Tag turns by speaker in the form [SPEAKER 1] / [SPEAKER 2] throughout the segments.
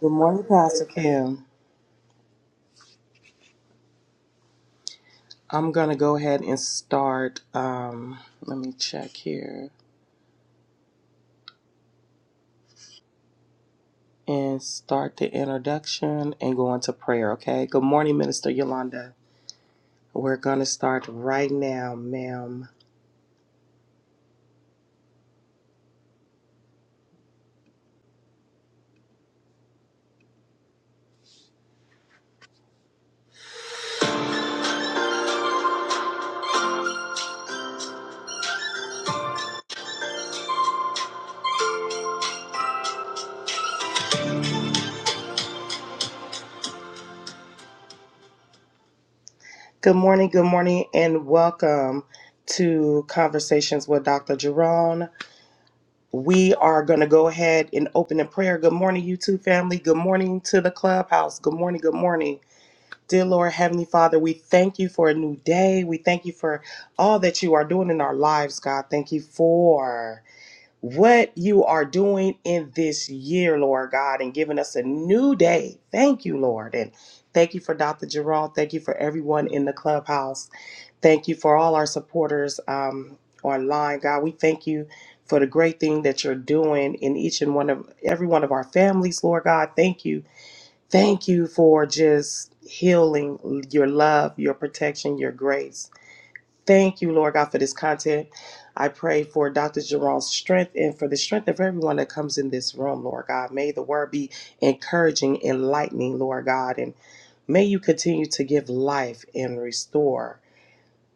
[SPEAKER 1] Good morning, Pastor Kim. I'm going to go ahead and start. Um, let me check here and start the introduction and go into prayer, okay? Good morning, Minister Yolanda. We're going to start right now, ma'am. Good morning, good morning, and welcome to Conversations with Dr. Jerome. We are going to go ahead and open in prayer. Good morning, YouTube family. Good morning to the clubhouse. Good morning, good morning. Dear Lord, Heavenly Father, we thank you for a new day. We thank you for all that you are doing in our lives, God. Thank you for what you are doing in this year, Lord God, and giving us a new day. Thank you, Lord. And thank you for Dr. Jerome. Thank you for everyone in the clubhouse. Thank you for all our supporters um, online, God. We thank you for the great thing that you're doing in each and one of every one of our families, Lord God. Thank you Thank you for just healing your love, your protection, your grace. Thank you, Lord God, for this content. I pray for Dr. Jerome's strength and for the strength of everyone that comes in this room, Lord God. May the word be encouraging, enlightening, Lord God, and may you continue to give life and restore.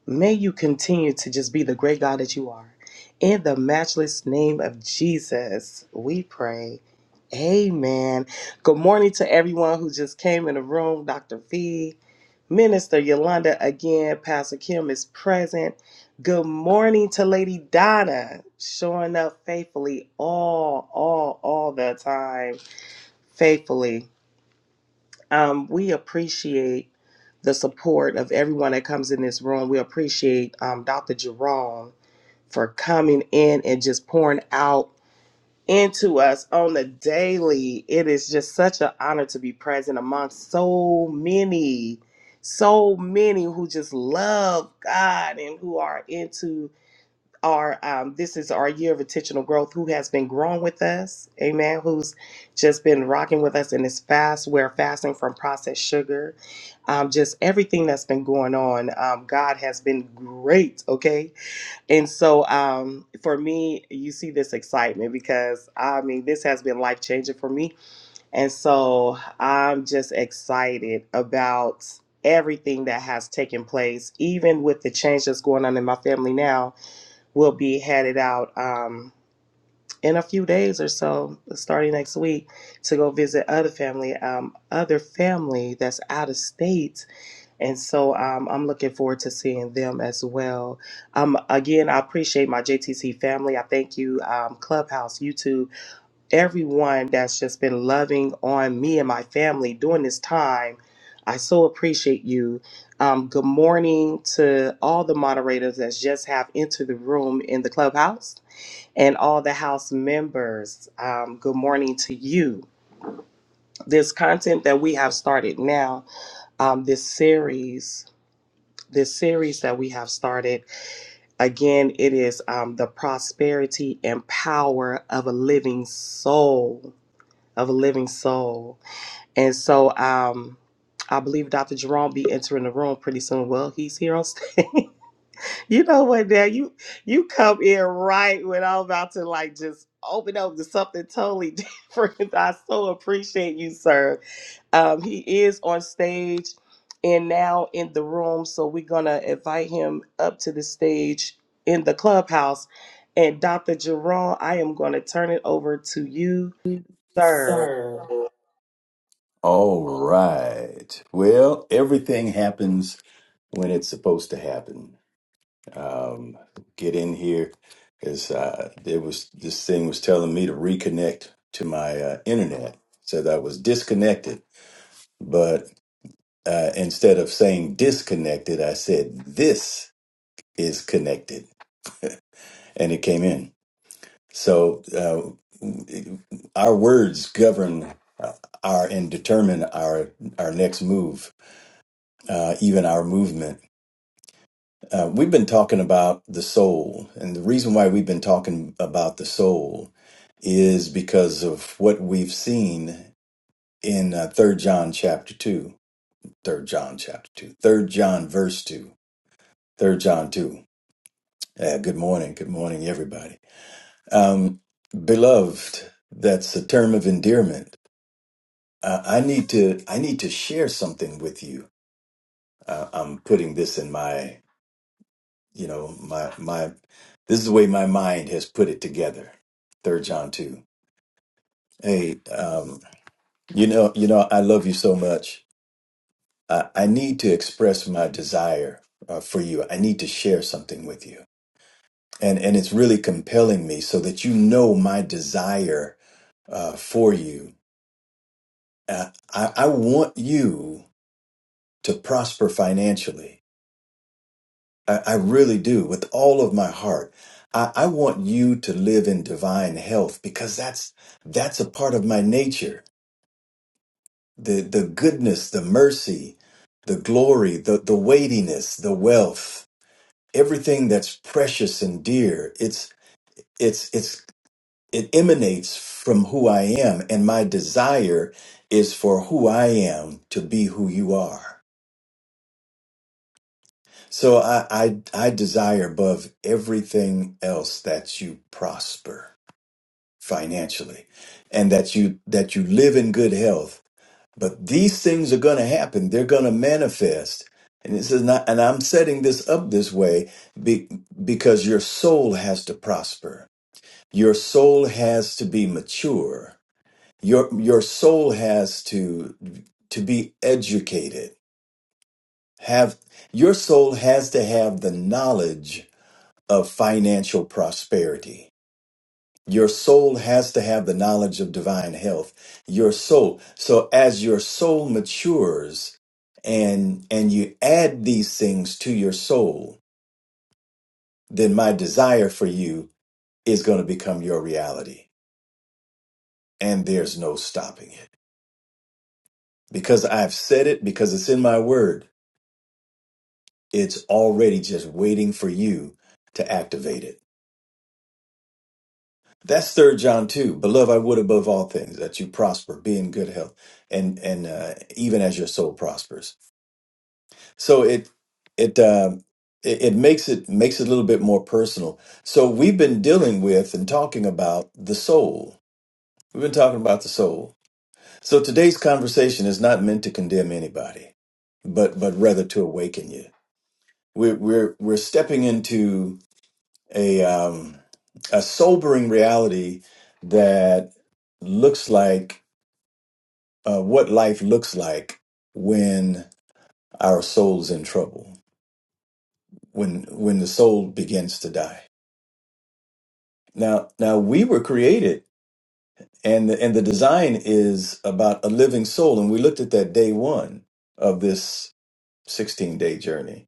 [SPEAKER 1] May you continue to just be the great God that you are. In the matchless name of Jesus, we pray. Amen. Good morning to everyone who just came in the room. Dr. V, Minister Yolanda again, Pastor Kim is present. Good morning to Lady Donna, showing up faithfully all, all, all the time. Faithfully. Um, we appreciate the support of everyone that comes in this room. We appreciate um, Dr. Jerome for coming in and just pouring out into us on the daily. It is just such an honor to be present among so many, so many who just love God and who are into our um, this is our year of intentional growth who has been growing with us amen who's just been rocking with us in this fast we're fasting from processed sugar um, just everything that's been going on um, god has been great okay and so um, for me you see this excitement because i mean this has been life changing for me and so i'm just excited about everything that has taken place even with the change that's going on in my family now will be headed out um, in a few days or so, starting next week, to go visit other family, um, other family that's out of state, and so um, I'm looking forward to seeing them as well. Um, again, I appreciate my JTC family. I thank you, um, Clubhouse, YouTube, everyone that's just been loving on me and my family during this time. I so appreciate you. Um, good morning to all the moderators that just have entered the room in the clubhouse and all the House members. Um, good morning to you. This content that we have started now, um, this series, this series that we have started, again, it is um, the prosperity and power of a living soul, of a living soul. And so um, I believe Dr. Jerome be entering the room pretty soon. Well, he's here on stage. You know what now you you come in right when I'm about to like just open up to something totally different. I so appreciate you, sir. Um, he is on stage and now in the room, so we're gonna invite him up to the stage in the clubhouse. And Dr. Jerome, I am gonna turn it over to you, sir.
[SPEAKER 2] Sir. All right. Well, everything happens when it's supposed to happen. Um, get in here because uh, there was this thing was telling me to reconnect to my uh, internet, so that I was disconnected. But uh, instead of saying disconnected, I said this is connected, and it came in. So uh, our words govern uh, our and determine our our next move. uh, even our movement. Uh, we've been talking about the soul, and the reason why we've been talking about the soul is because of what we've seen in uh, 3 John chapter 2, 3 John chapter 2, 3 John verse 2, 3 John 2. Uh, good morning, good morning, everybody. Um, beloved, that's a term of endearment. Uh, I need to I need to share something with you. Uh, I'm putting this in my You know, my my this is the way my mind has put it together. Third John two. Hey, um, you know, you know, I love you so much. I, I need to express my desire uh, for you. I need to share something with you, and and it's really compelling me so that you know my desire uh, for you. Uh, I, I want you to prosper financially. I, I really do, with all of my heart. I, I want you to live in divine health because that's that's a part of my nature. The the goodness, the mercy, the glory, the, the weightiness, the wealth, everything that's precious and dear, it's it's it's it emanates from who I am, and my desire is for who I am to be who you are. So I, I I desire above everything else that you prosper. financially and that you that you live in good health but these things are going to happen they're going to manifest and this is not and i'm setting this up this way be, because your soul has to prosper your soul has to be mature your your soul has to to be educated have your soul has to have the knowledge of financial prosperity Your soul has to have the knowledge of divine health. Your soul. So as your soul matures and and you add these things to your soul, then my desire for you is going to become your reality. And there's no stopping it. Because I've said it, because it's in my word, it's already just waiting for you to activate it. That's third John 2. Beloved, I would above all things that you prosper, be in good health, and and uh, even as your soul prospers. So it it um, it, it makes it makes it a little bit more personal. So we've been dealing with and talking about the soul. We've been talking about the soul. So today's conversation is not meant to condemn anybody, but but rather to awaken you. We're we're we're stepping into a um, a sobering reality that looks like uh, what life looks like when our soul's in trouble, when when the soul begins to die Now, now we were created, and the, and the design is about a living soul, and we looked at that day one of this sixteen day journey.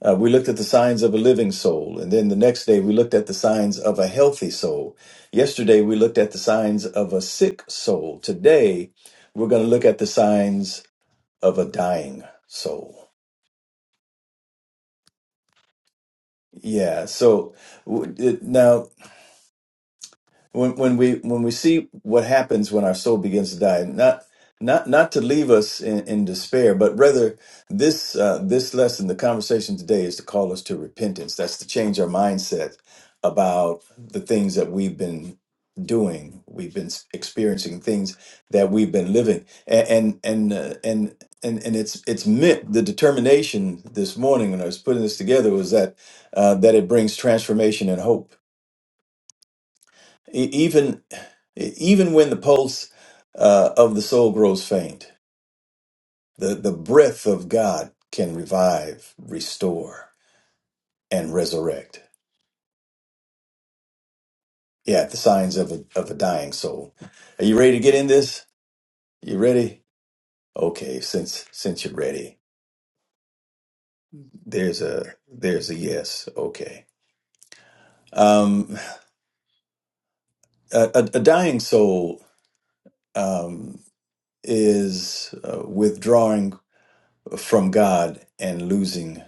[SPEAKER 2] Uh, we looked at the signs of a living soul, and then the next day we looked at the signs of a healthy soul. Yesterday we looked at the signs of a sick soul. Today we're going to look at the signs of a dying soul. Yeah. So w- it- now. when when we when we see what happens when our soul begins to die not not not to leave us in, in despair but rather this uh, this lesson the conversation today is to call us to repentance that's to change our mindset about the things that we've been doing we've been s- experiencing things that we've been living and and and uh, and and, and it's it's meant the determination this morning when I was putting this together was that uh, that it brings transformation and hope E- even e, even when the pulse uh, of the soul grows faint, the, the breath of God can revive, restore, and resurrect. Yeah, the signs of a, of a dying soul. Are you ready to get in this? You ready? Okay, since since you're ready, there's a there's a yes. Okay, um, a, a, a dying soul um, is uh, withdrawing from God and losing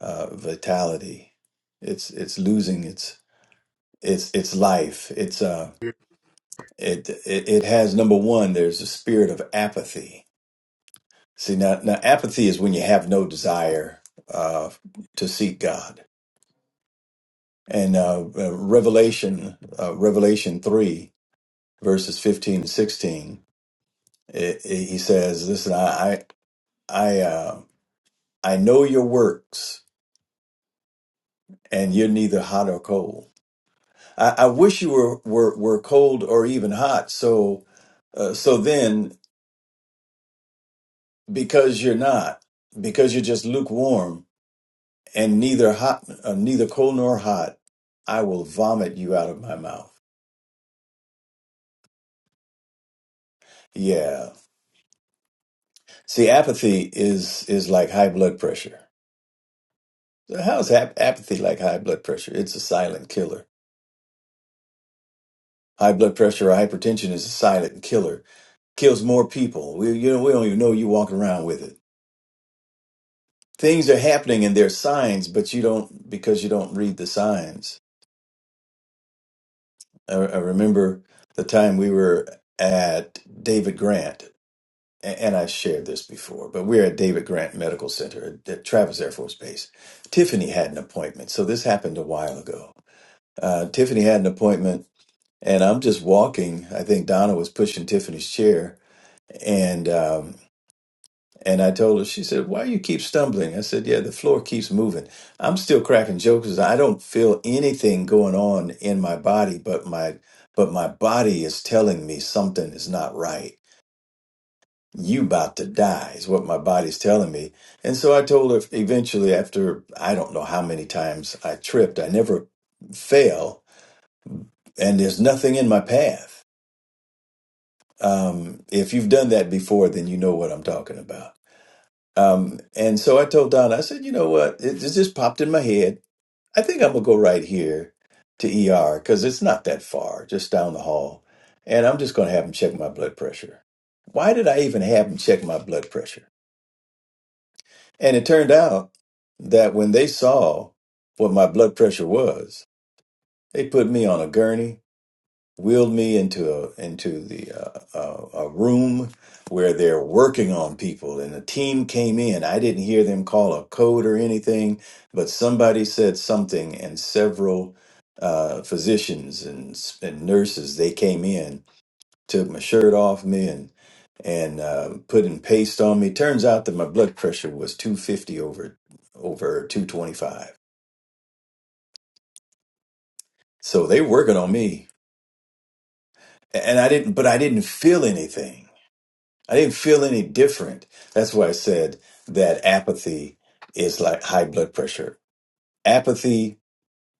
[SPEAKER 2] uh, vitality. It's it's losing its its its life. It's uh it, it it has number one. There's a spirit of apathy. See now now apathy is when you have no desire uh, to seek God. And uh, uh, Revelation uh, Revelation three verses fifteen and sixteen. It, it, he says, "Listen, I I I, uh, I know your works, and you're neither hot or cold." I, I wish you were, were were cold or even hot. So uh, so then, because you're not, because you're just lukewarm and neither hot, uh, neither cold nor hot, I will vomit you out of my mouth. Yeah. See, apathy is is like high blood pressure. So How is ap- apathy like high blood pressure? It's a silent killer. High blood pressure or hypertension is a silent killer. Kills more people. We you know we don't even know you walking around with it. things are happening and there's signs, but you don't because you don't read the signs. I, I remember the time we were at David Grant, a- and I've shared this before, but we were at David Grant Medical Center at, at Travis Air Force Base. Tiffany had an appointment, so this happened a while ago. Uh, Tiffany had an appointment, and I'm just walking. I think Donna was pushing Tiffany's chair, and. um, And I told her, she said, Why you keep stumbling? I said, Yeah, the floor keeps moving. I'm still cracking jokes 'cause I don't feel anything going on in my body, but my but my body is telling me something is not right. You about to die is what my body's telling me. And so I told her eventually after I don't know how many times I tripped, I never fail, and there's nothing in my path. Um, if you've done that before, then you know what I'm talking about Um, and so I told Don, I said, you know what? It, it just popped in my head. I think I'm gonna go right here to ER because it's not that far, just down the hall. And I'm just gonna have them check my blood pressure. Why did I even have them check my blood pressure? And it turned out that when they saw what my blood pressure was, they put me on a gurney wheeled me into a into the uh, uh, a room where they're working on people and the team came in i didn't hear them call a code or anything but somebody said something and several uh, physicians and, s- and nurses they came in took my shirt off me and and uh, putting paste on me turns out that my blood pressure was 250 over over 225 so they working on me and i didn't but i didn't feel anything I didn't feel any different. That's why I said that apathy is like high blood pressure. Apathy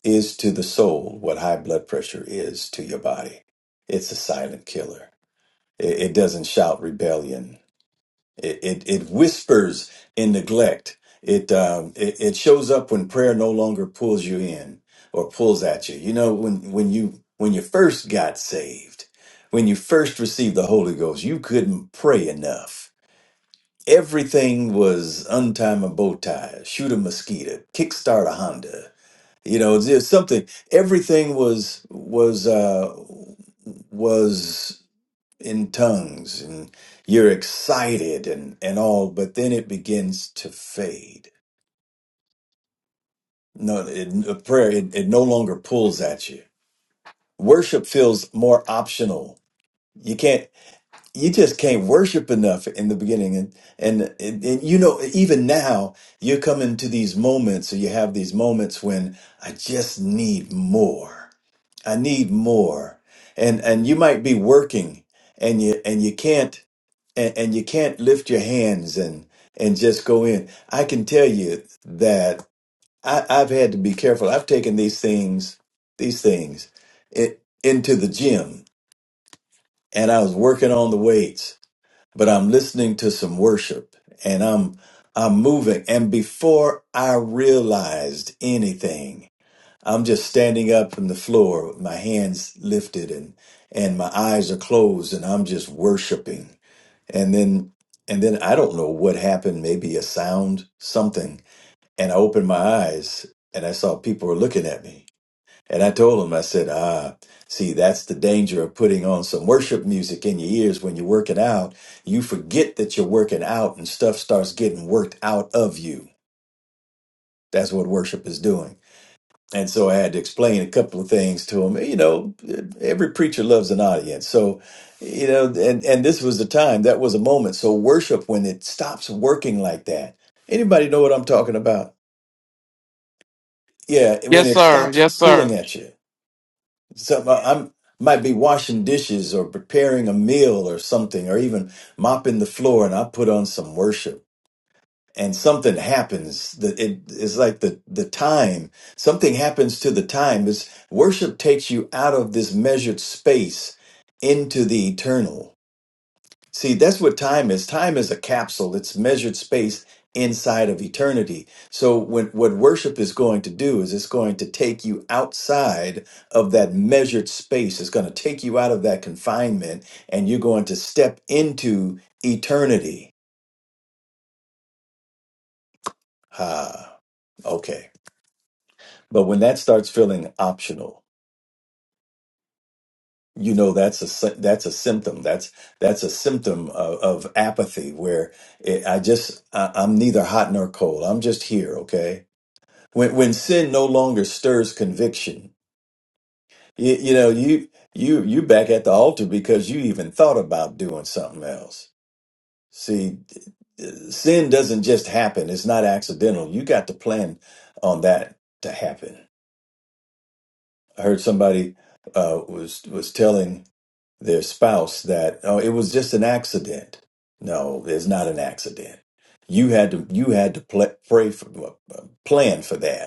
[SPEAKER 2] is to the soul what high blood pressure is to your body. It's a silent killer. It, it doesn't shout rebellion. It, it, it whispers in neglect. It, um, it it shows up when prayer no longer pulls you in or pulls at you. You know when when you when you first got saved, when you first received the Holy Ghost, you couldn't pray enough everything was untie a bow tie, shoot a mosquito, kickstart a Honda. You know, there's something. Everything was was uh, was in tongues, and you're excited and and all. But then it begins to fade. No, it, a prayer it, it no longer pulls at you. Worship feels more optional. You can't. you just can't worship enough in the beginning and, and and and, you know even now you come into these moments or you have these moments when i just need more i need more and and you might be working and you and you can't and, and you can't lift your hands and and just go in i can tell you that i i've had to be careful i've taken these things these things it, into the gym and i was working on the weights but I'm listening to some worship and I'm I'm moving and before I realized anything I'm just standing up from the floor with my hands lifted and and my eyes are closed and I'm just worshiping and then and then I don't know what happened maybe a sound something and I opened my eyes and I saw people were looking at me and I told him, I said, ah, see, that's the danger of putting on some worship music in your ears when you're working out. You forget that you're working out and stuff starts getting worked out of you. That's what worship is doing. And so I had to explain a couple of things to him. You know, every preacher loves an audience. So, you know, and, and this was the time, that was a moment. So worship, when it stops working like that, anybody know what I'm talking about? Yeah, when
[SPEAKER 3] Yes,
[SPEAKER 2] it
[SPEAKER 3] sir.
[SPEAKER 2] stops
[SPEAKER 3] Yes, sir.
[SPEAKER 2] pulling at you So I- am might be washing dishes or preparing a meal or something, or even mopping the floor, and I put on some worship, and something happens. That it is like the the time. Something happens to the time. Is worship takes you out of this measured space into the eternal See, that's what time is. Time is a capsule. It's measured space inside of eternity. So when, what worship is going to do is it's going to take you outside of that measured space. It's going to take you out of that confinement and you're going to step into eternity. Ah, okay. But when that starts feeling optional, you know that's a sy- that's a symptom. That's that's a symptom of, of apathy where it, I just I, I'm neither hot nor cold. I'm just here, okay? when when sin no longer stirs conviction you, you know you you you back at the altar because you even thought about doing something else see sin doesn't just happen it's not accidental you got to plan on that to happen i heard somebody uh, was was telling their spouse that oh it was just an accident no it's not an accident you had to you had to pl- pray for, uh, plan for that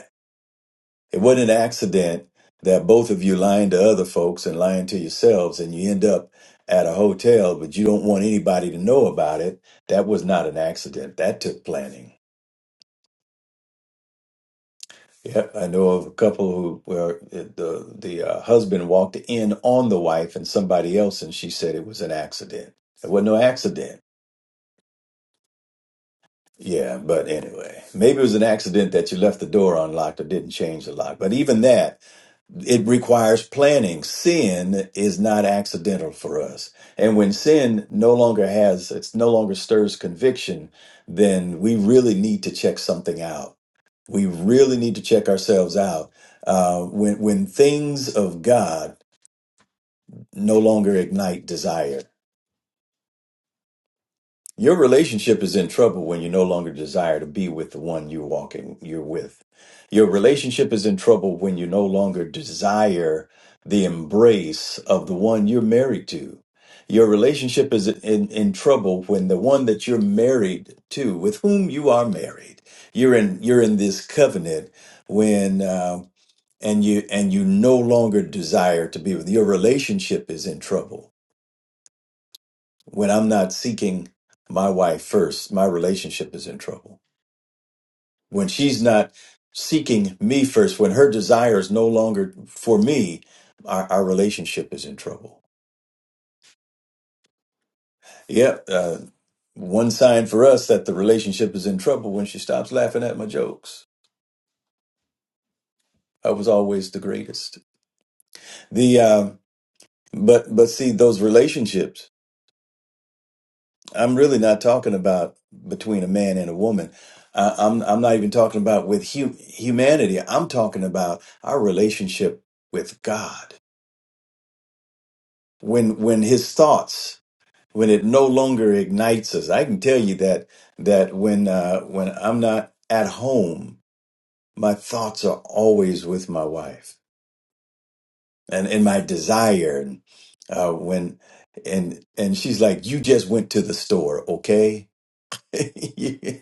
[SPEAKER 2] It wasn't an accident that both of you lying to other folks and lying to yourselves, and you end up at a hotel, but you don't want anybody to know about it. That was not an accident. That took planning. Yep, I know of a couple who where it- the the uh, husband walked in on the wife and somebody else, and she said it was an accident. It wasn't no accident. Yeah, but anyway, maybe it was an accident that you left the door unlocked or didn't change the lock. But even that it requires planning. Sin is not accidental for us. And when sin no longer has, it's no longer stirs conviction, then we really need to check something out. We really need to check ourselves out uh, when, when things of God no longer ignite desire. Your relationship is in trouble when you no longer desire to be with the one you're walking, you're with. Your relationship is in trouble when you no longer desire the embrace of the one you're married to. Your relationship is in, in trouble when the one that you're married to, with whom you are married, you're in you're in this covenant when uh, and you and you no longer desire to be with. Your relationship is in trouble when I'm not seeking my wife first, my relationship is in trouble. When she's not seeking me first, when her desire is no longer for me, our, our relationship is in trouble. Yep. Uh, one sign for us that the relationship is in trouble when she stops laughing at my jokes. I was always the greatest. The, um, but, but see, those relationships, I'm really not talking about between a man and a woman. I, I'm I'm not even talking about with hu- humanity. I'm talking about our relationship with God. When when His thoughts, when it no longer ignites us, I can tell you that that when uh, when I'm not at home, my thoughts are always with my wife and and my desire. And uh, when and and she's like, "You just went to the store, okay?"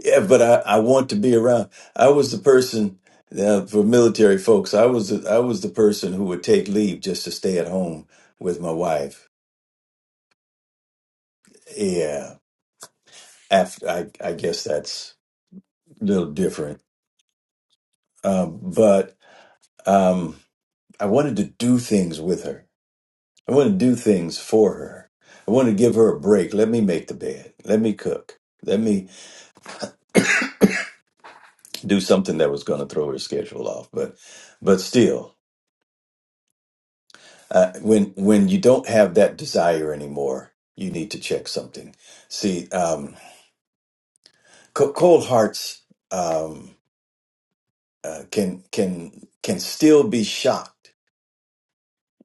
[SPEAKER 2] Yeah, but I, I want to be around. I was the person uh, for military folks. I was the, I was the person who would take leave just to stay at home with my wife. Yeah, after I I guess that's a little different. Um, but um, I wanted to do things with her. I wanted to do things for her. I wanted to give her a break. Let me make the bed. Let me cook. Let me do something that was going to throw her schedule off. But but still. uh, when when you don't have that desire anymore, you need to check something. See, um, co- cold hearts um, uh, can can can still be shocked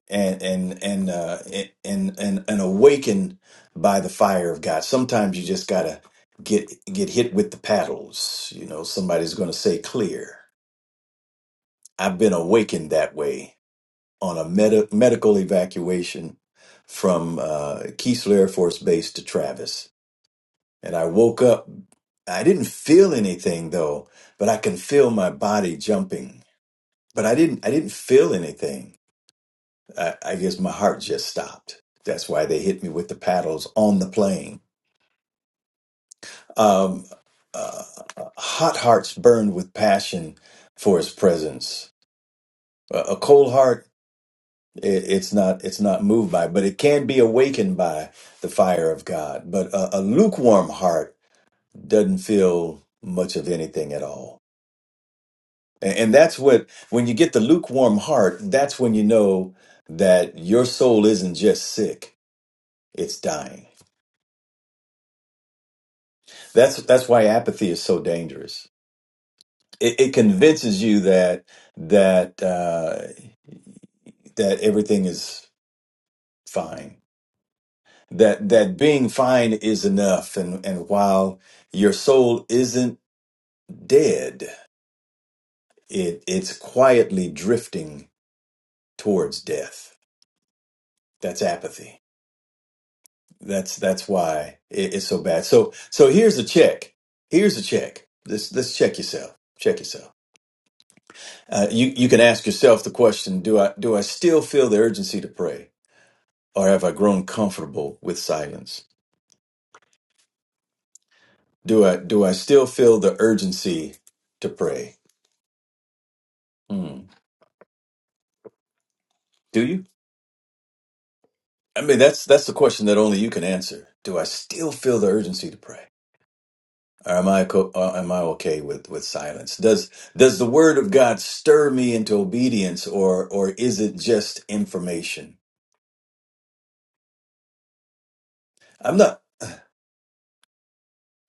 [SPEAKER 2] and and and, uh, and and and awakened by the fire of God. Sometimes you just gotta get get hit with the paddles. You know, somebody's gonna say clear. I've been awakened that way on a medi medical evacuation from uh, Keesler Air Force Base to Travis And I woke up. I didn't feel anything though, but I can feel my body jumping. But I didn't I didn't feel anything. I, I guess my heart just stopped. That's why they hit me with the paddles on the plane. Um, uh, hot hearts burned with passion for his presence. A, a cold heart, it, it's not it's not moved by, but it can be awakened by the fire of God. But a, a lukewarm heart doesn't feel much of anything at all. And, and that's what, when you get the lukewarm heart, that's when you know that your soul isn't just sick, it's dying. That's, that's why apathy is so dangerous. It, it convinces you that, that, uh, that everything is fine, that, that being fine is enough. And, and while your soul isn't dead, it, it's quietly drifting towards death. That's apathy. That's that's why it, it's so bad. So so here's a check. Here's a check. Let's let's check yourself. Check yourself. Uh, you you can ask yourself the question: Do I do I still feel the urgency to pray, or have I grown comfortable with silence? Do I do I still feel the urgency to pray? Hmm. Do you? I mean, that's that's the question that only you can answer. Do I still feel the urgency to pray? Or am I co- uh, am I okay with with silence? Does does the word of God stir me into obedience, or or is it just information? I'm not.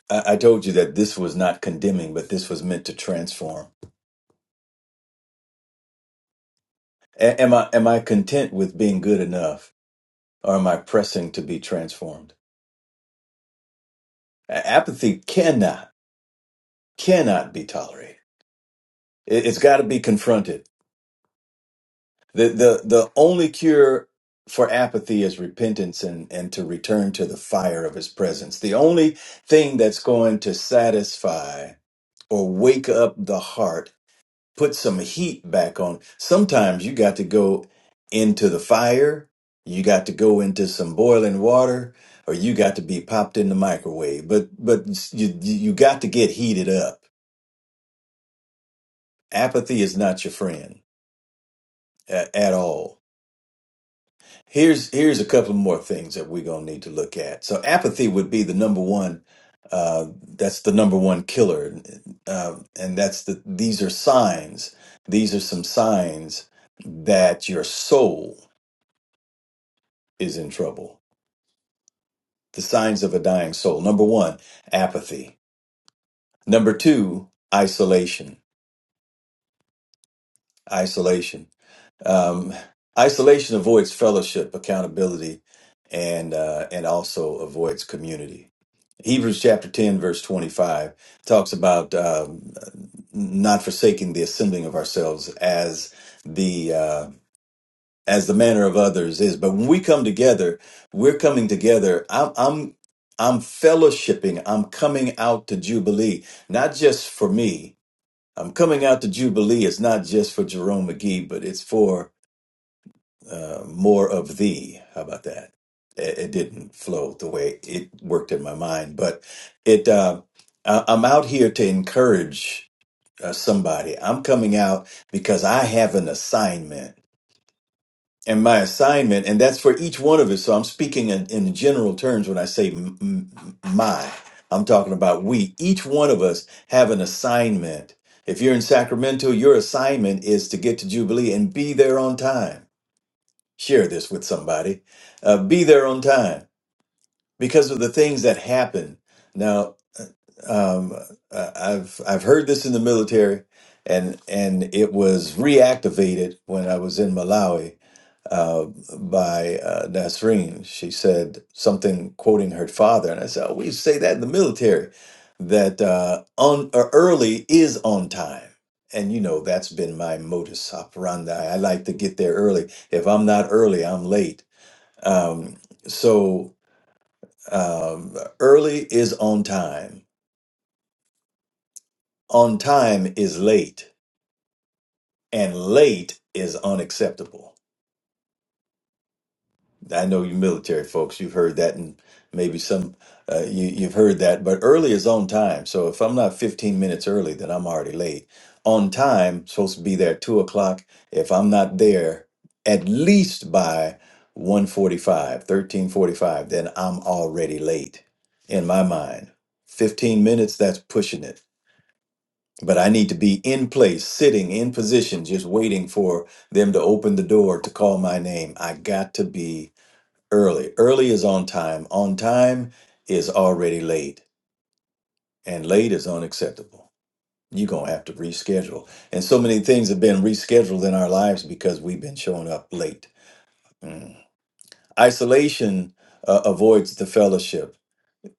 [SPEAKER 2] I, I told you that this was not condemning, but this was meant to transform. A- am I am I content with being good enough, or am I pressing to be transformed? A- apathy cannot cannot be tolerated. It, it's got to be confronted. The the the only cure for apathy is repentance and and to return to the fire of his presence. The only thing that's going to satisfy or wake up the heart, put some heat back on. Sometimes you got to go into the fire, you got to go into some boiling water, or you got to be popped in the microwave. But but you you got to get heated up. Apathy is not your friend a- at all Here's here's a couple more things that we're gonna need to look at. So apathy would be the number one. Uh, that's the number one killer, uh, and that's the. These are signs. These are some signs that your soul is in trouble. The signs of a dying soul. Number one, apathy. Number two, isolation. Isolation. Um, isolation avoids fellowship, accountability, and uh, and also avoids community. Hebrews chapter 10, verse 25 talks about um, not forsaking the assembling of ourselves as the uh, as the manner of others is. But when we come together, we're coming together. I'm I'm I'm fellowshipping. I'm coming out to Jubilee, not just for me. I'm coming out to Jubilee. It's not just for Jerome McGee, but it's for uh, more of thee. How about that? It, it didn't flow the way it worked in my mind, but it. Uh, I, I'm out here to encourage uh, somebody. I'm coming out because I have an assignment, and my assignment, and that's for each one of us. So I'm speaking in, in general terms when I say m- m- my. I'm talking about we. Each one of us have an assignment. If you're in Sacramento, your assignment is to get to Jubilee and be there on time share this with somebody. Uh, be there on time because of the things that happen. Now, um, uh, I've I've heard this in the military, and and it was reactivated when I was in Malawi uh, by uh, Nasreen. She said something quoting her father, and I said, oh, "We say that in the military that uh, on or early is on time." And you know that's been my modus operandi. I like to get there early. If I'm not early, I'm late um, so um, early is on time, on time is late, and late is unacceptable. I know you military folks, you've heard that, and maybe some uh, you, you've heard that, but early is on time. So if I'm not 15 minutes early, then I'm already late. On time, supposed to be there at two o'clock. If I'm not there at least by one forty-five, thirteen forty-five, then I'm already late in my mind. 15 minutes, that's pushing it. But I need to be in place, sitting in position, just waiting for them to open the door to call my name. I got to be Early. Early is on time. On time is already late. And late is unacceptable. You're going to have to reschedule. And so many things have been rescheduled in our lives because we've been showing up late. Mm. Isolation uh, avoids the fellowship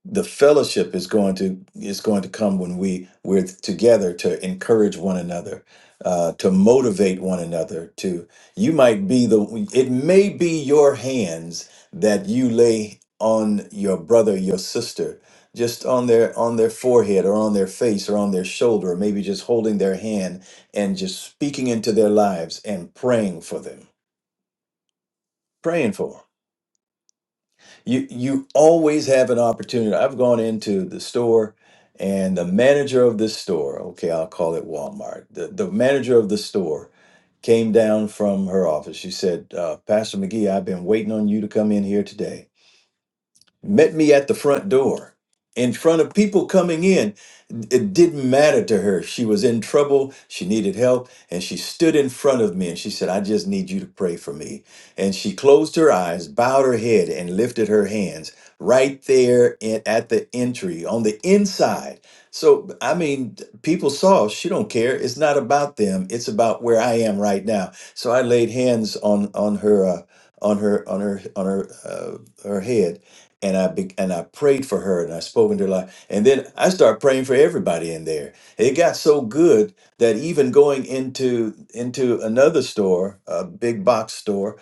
[SPEAKER 2] the fellowship is going to is going to come when we we're together to encourage one another uh, to motivate one another to you might be the it may be your hands that you lay on your brother your sister just on their on their forehead or on their face or on their shoulder or maybe just holding their hand and just speaking into their lives and praying for them praying for 'em you you always have an opportunity. I've gone into the store and the manager of this store, okay, I'll call it Walmart. The the manager of the store came down from her office. She said, uh, "Pastor McGee, I've been waiting on you to come in here today." met me at the front door in front of people coming in. It didn't matter to her. She was in trouble. She needed help. And she stood in front of me and she said, I just need you to pray for me. And she closed her eyes, bowed her head, and lifted her hands right there in, at the entry on the inside. So, I mean, people saw she don't care. It's not about them. It's about where I am right now. So I laid hands on, on her, uh, on her, on her, on her, uh, her head and I be, and I prayed for her and I spoke into her life. And then I started praying for everybody in there. It got so good that even going into into another store, a big box store.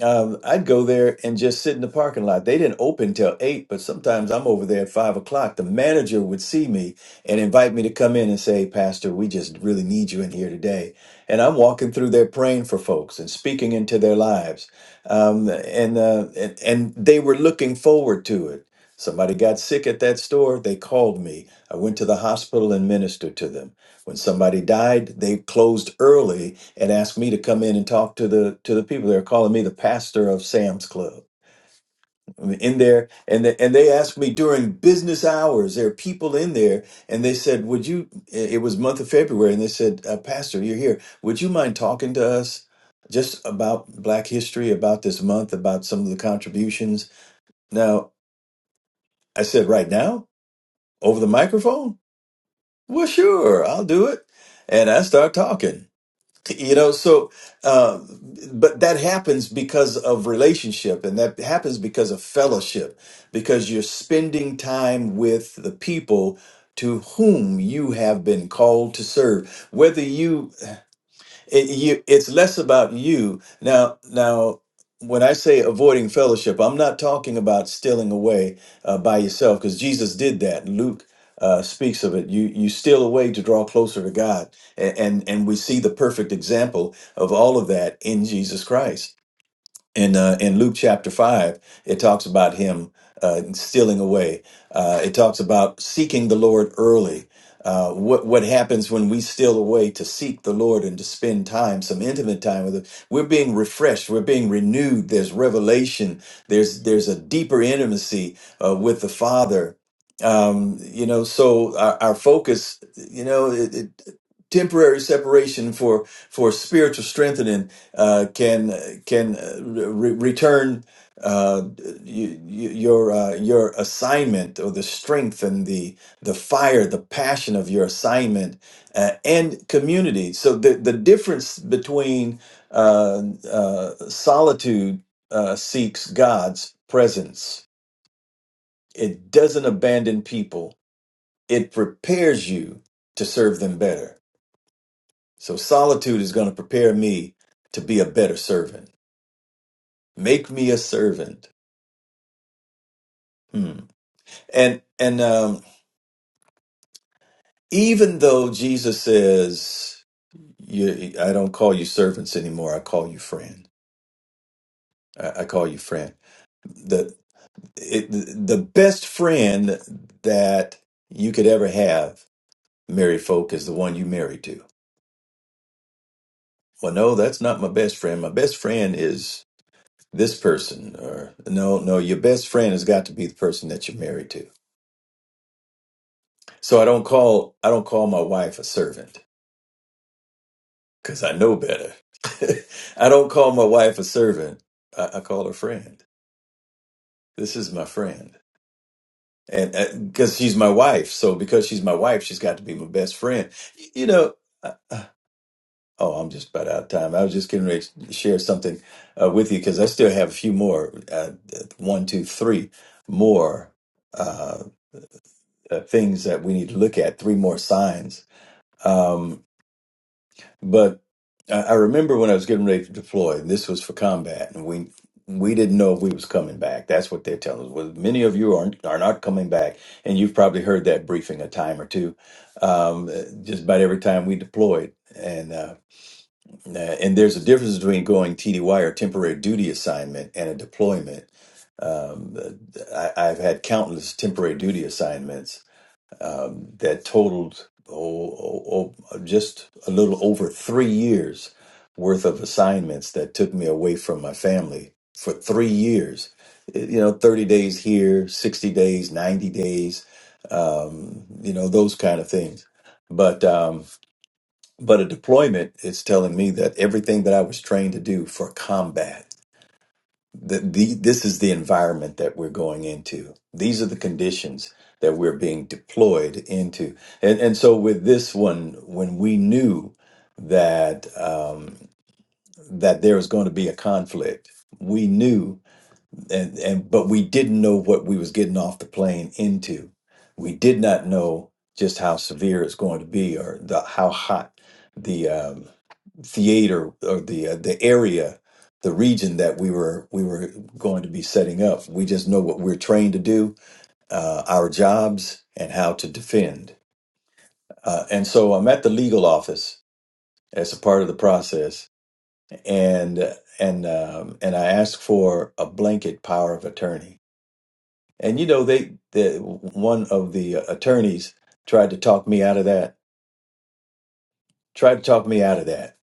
[SPEAKER 2] Um, I'd go there and just sit in the parking lot. They didn't open till eight, but sometimes I'm over there at five o'clock. The manager would see me and invite me to come in and say, Pastor, we just really need you in here today. And I'm walking through there praying for folks and speaking into their lives. Um, and, uh, and, and they were looking forward to it. Somebody got sick at that store. They called me. I went to the hospital and ministered to them. When somebody died, they closed early and asked me to come in and talk to the to the people. They're calling me the pastor of Sam's Club. I'm in there, and they, and they asked me during business hours. There are people in there, and they said, "Would you?" It was month of February, and they said, uh, "Pastor, you're here. Would you mind talking to us just about Black History, about this month, about some of the contributions?" Now, I said, "Right now, over the microphone." Well, sure, I'll do it, and I start talking you know so uh, but that happens because of relationship and that happens because of fellowship because you're spending time with the people to whom you have been called to serve whether you it, you, it's less about you now now when i say avoiding fellowship i'm not talking about stealing away uh, by yourself because jesus did that luke uh, speaks of it you you steal away to draw closer to god A- and and we see the perfect example of all of that in jesus christ in uh, in Luke chapter five, it talks about him uh, stealing away. Uh, it talks about seeking the Lord early. Uh, what what happens when we steal away to seek the Lord and to spend time, some intimate time with Him? We're being refreshed. We're being renewed. There's revelation. There's there's a deeper intimacy uh, with the Father. Um, you know, so our, our focus, you know, it, it, temporary separation for for spiritual strengthening uh, can can uh, re- return uh, y- y- your uh, your assignment or the strength and the the fire, the passion of your assignment uh, and community. So the the difference between uh, uh, solitude uh, seeks God's presence. It doesn't abandon people. It prepares you to serve them better. So solitude is going to prepare me to be a better servant. Make me a servant. Hmm. And and um, even though Jesus says, you, I don't call you servants anymore. I call you friend. I, I call you friend. The it, the best friend that you could ever have, married folk, is the one you married to. Well, no, that's not my best friend. My best friend is this person. Or no, no, your best friend has got to be the person that you're married to. So I don't call I don't call my wife a servant. because I know better. I don't call my wife a servant. I, I call her friend. This is my friend. And because she's my wife. So because she's my wife, she's got to be my best friend. Y- You know, I, oh, I'm just about out of time. I was just getting ready to share something uh, with you because I still have a few more uh, one, two, three more uh, uh, things that we need to look at, three more signs. Um, But I, I remember when I was getting ready to deploy, and this was for combat, and we we didn't know if we was coming back. That's what they're telling us. Well, many of you aren't are not coming back, and you've probably heard that briefing a time or two, um, uh, just about every time we deployed. And uh, uh, and there's a difference between going TDY or temporary duty assignment and a deployment. Um, uh, I, I've had countless temporary duty assignments um, that totaled oh, oh, oh, just a little over three years worth of assignments that took me away from my family for three years. Eh, You know, 30 days here, 60 days, 90 days, um, you know, those kind of things. But um, but a deployment is telling me that everything that I was trained to do for combat the, the, this is the environment that we're going into. These are the conditions that we're being deployed into. And, and so with this one, when we knew that um, that there was going to be a conflict, we knew and and but we didn't know what we was getting off the plane into. We did not know just how severe it's going to be or the how hot the um, theater or the uh, the area, the region that we were we were going to be setting up. We just know what we're trained to do, uh, our jobs, and how to defend. Uh, and so I'm at the legal office as a part of the process, and and um, and I asked for a blanket power of attorney And you know, they the one of the attorneys tried to talk me out of that. Tried to talk me out of that.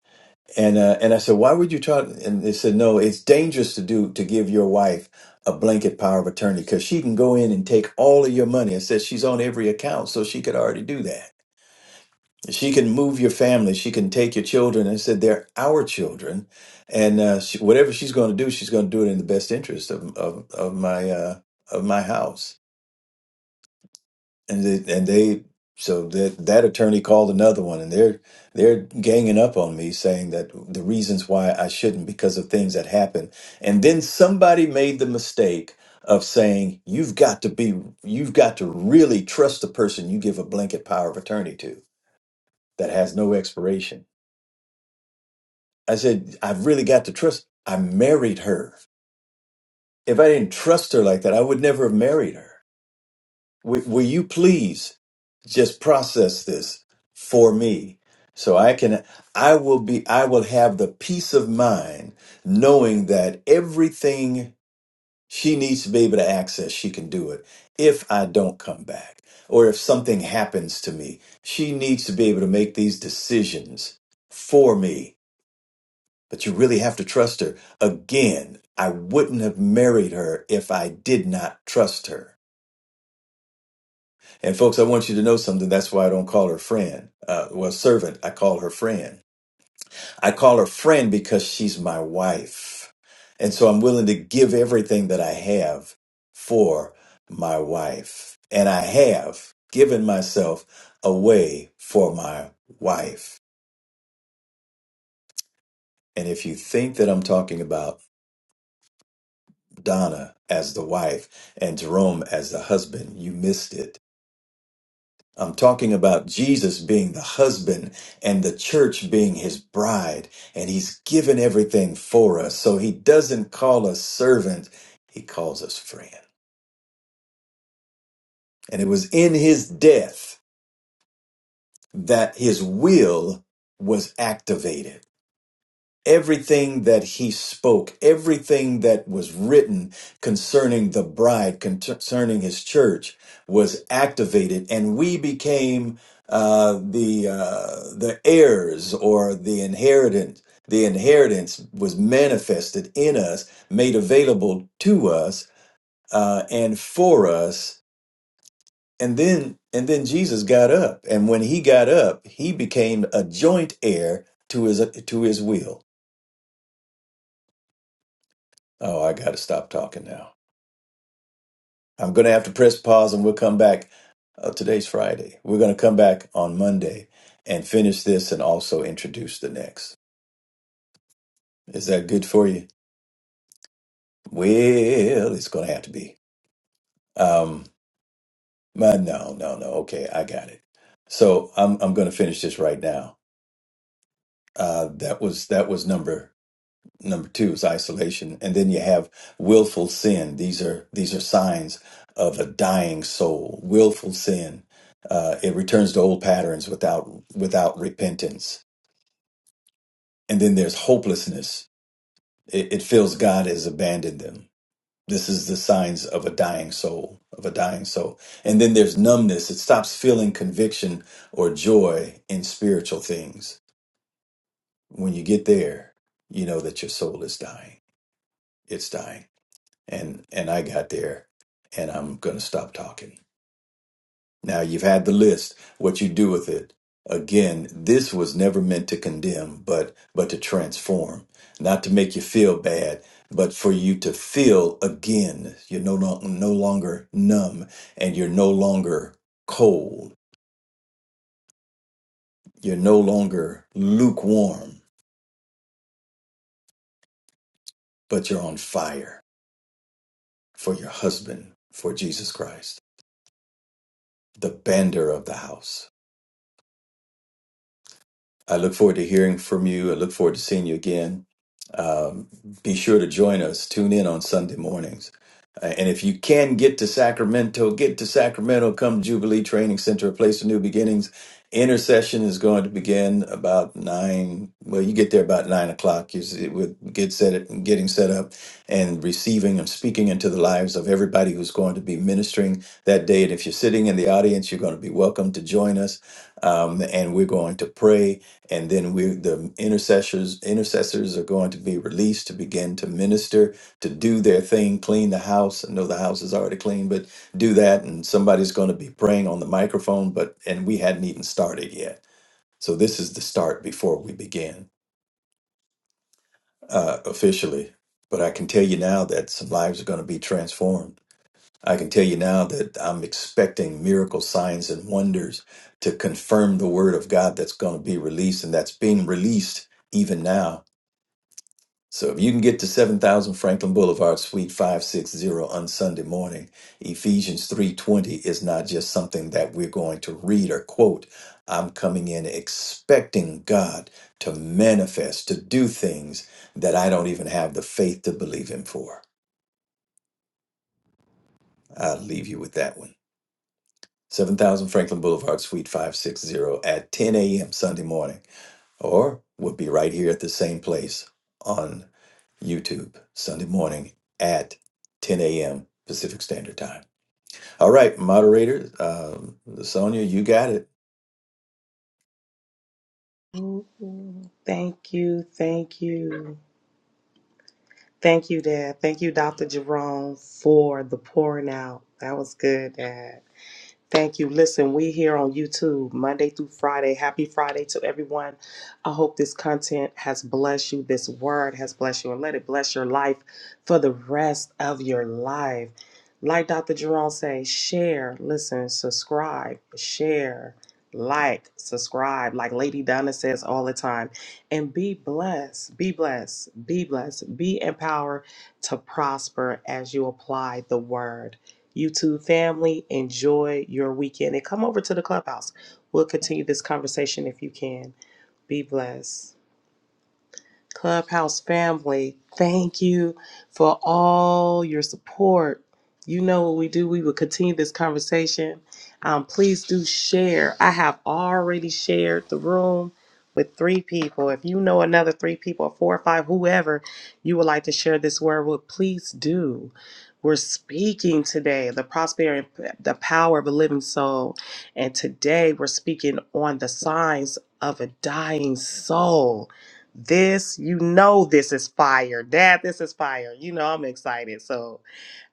[SPEAKER 2] And uh, and I said, why would you try? And they said, no, it's dangerous to do to give your wife a blanket power of attorney because she can go in and take all of your money. And said she's on every account, so she could already do that. She can move your family. She can take your children. And I said they're our children, and uh, she, whatever she's going to do, she's going to do it in the best interest of of, of my uh, of my house and they, and they so that that attorney called another one and they're they're ganging up on me saying that the reasons why I shouldn't because of things that happened and then somebody made the mistake of saying you've got to be you've got to really trust the person you give a blanket power of attorney to that has no expiration i said i've really got to trust i married her if i didn't trust her like that i would never have married her W- will you please just process this for me so I can, I will be, I will have the peace of mind knowing that everything she needs to be able to access, she can do it if I don't come back or if something happens to me. She needs to be able to make these decisions for me. But you really have to trust her. Again, I wouldn't have married her if I did not trust her. And folks, I want you to know something. That's why I don't call her friend. Uh, well, servant, I call her friend. I call her friend because she's my wife. And so I'm willing to give everything that I have for my wife. And I have given myself away for my wife. And if you think that I'm talking about Donna as the wife and Jerome as the husband, you missed it I'm talking about Jesus being the husband and the church being his bride, and he's given everything for us. So he doesn't call us servant, he calls us friend. And it was in his death that his will was activated. everything that he spoke, everything that was written concerning the bride, concerning his church, was activated, and we became uh, the uh, the heirs or the inheritance. The inheritance was manifested in us, made available to us, uh, and for us. And then, and then Jesus got up, and when he got up, he became a joint heir to his to his will. Oh, I got to stop talking now. I'm going to have to press pause and we'll come back. Uh, today's Friday. We're going to come back on Monday and finish this and also introduce the next. Is that good for you? Well, it's going to have to be. Um, my, no, no, no. Okay, I got it. So I'm I'm going to finish this right now. Uh, that was that was number number two is isolation and then you have willful sin these are these are signs of a dying soul willful sin uh, it returns to old patterns without without repentance and then there's hopelessness it, it feels god has abandoned them this is the signs of a dying soul of a dying soul and then there's numbness it stops feeling conviction or joy in spiritual things when you get there you know that your soul is dying it's dying and and I got there, and I'm gonna stop talking. Now you've had the list. What you do with it? Again, this was never meant to condemn, but but to transform, not to make you feel bad, but for you to feel again. You're no no, no longer numb, and you're no longer cold. You're no longer lukewarm, but you're on fire for your husband, for Jesus Christ, the banner of the house I look forward to hearing from you. I look forward to seeing you again. Um, be sure to join us. Tune in on Sunday mornings. Uh, And if you can get to Sacramento, get to Sacramento. Come Jubilee Training Center, a place of new beginnings. Intercession is going to begin about nine. Well, you get there about nine o'clock. You see, we'll get set, it- getting set up, and receiving and speaking into the lives of everybody who's going to be ministering that day. And if you're sitting in the audience, you're going to be welcome to join us. Um, and we're going to pray and then we the intercessors intercessors are going to be released to begin to minister to do their thing clean the house i know the house is already clean but do that and somebody's going to be praying on the microphone but and we hadn't even started yet so this is the start before we begin uh, officially but i can tell you now that some lives are going to be transformed i can tell you now that i'm expecting miracle signs and wonders to confirm the word of god that's going to be released and that's being released even now So if you can get to 7000 Franklin Boulevard, Suite 560 on Sunday morning, Ephesians 3:20 is not just something that we're going to read or quote. I'm coming in expecting God to manifest, to do things that I don't even have the faith to believe him for. I'll leave you with that one. 7000 Franklin Boulevard, Suite 560 at 10 a.m. Sunday morning. Or we'll be right here at the same place on YouTube Sunday morning at 10 a.m. Pacific Standard Time. All right, moderator, um, Sonia, you got it.
[SPEAKER 1] Mhm. Thank you, thank you. Thank you, Dad. Thank you, Dr. Jerome, for the pouring out. That was good, Dad. Thank you. Listen, we here on YouTube Monday through Friday. Happy Friday to everyone. I hope this content has blessed you, this word has blessed you, and let it bless your life for the rest of your life. Like Dr. Jerome say, share, listen, subscribe, share, like, subscribe, like Lady Donna says all the time. And be blessed, be blessed, be blessed, be empowered to prosper as you apply the word. YouTube family, enjoy your weekend and come over to the clubhouse. We'll continue this conversation if you can. Be blessed. Clubhouse family, thank you for all your support. You know what we do. We will continue this conversation. Um, please do share. I have already shared the room with three people. If you know another three people, four or five, whoever you would like to share this word with, please do. We're speaking today the prosperity, the power of a living soul, and today we're speaking on the signs of a dying soul this, you know, this is fire. Dad, this is fire. You know, I'm excited. So,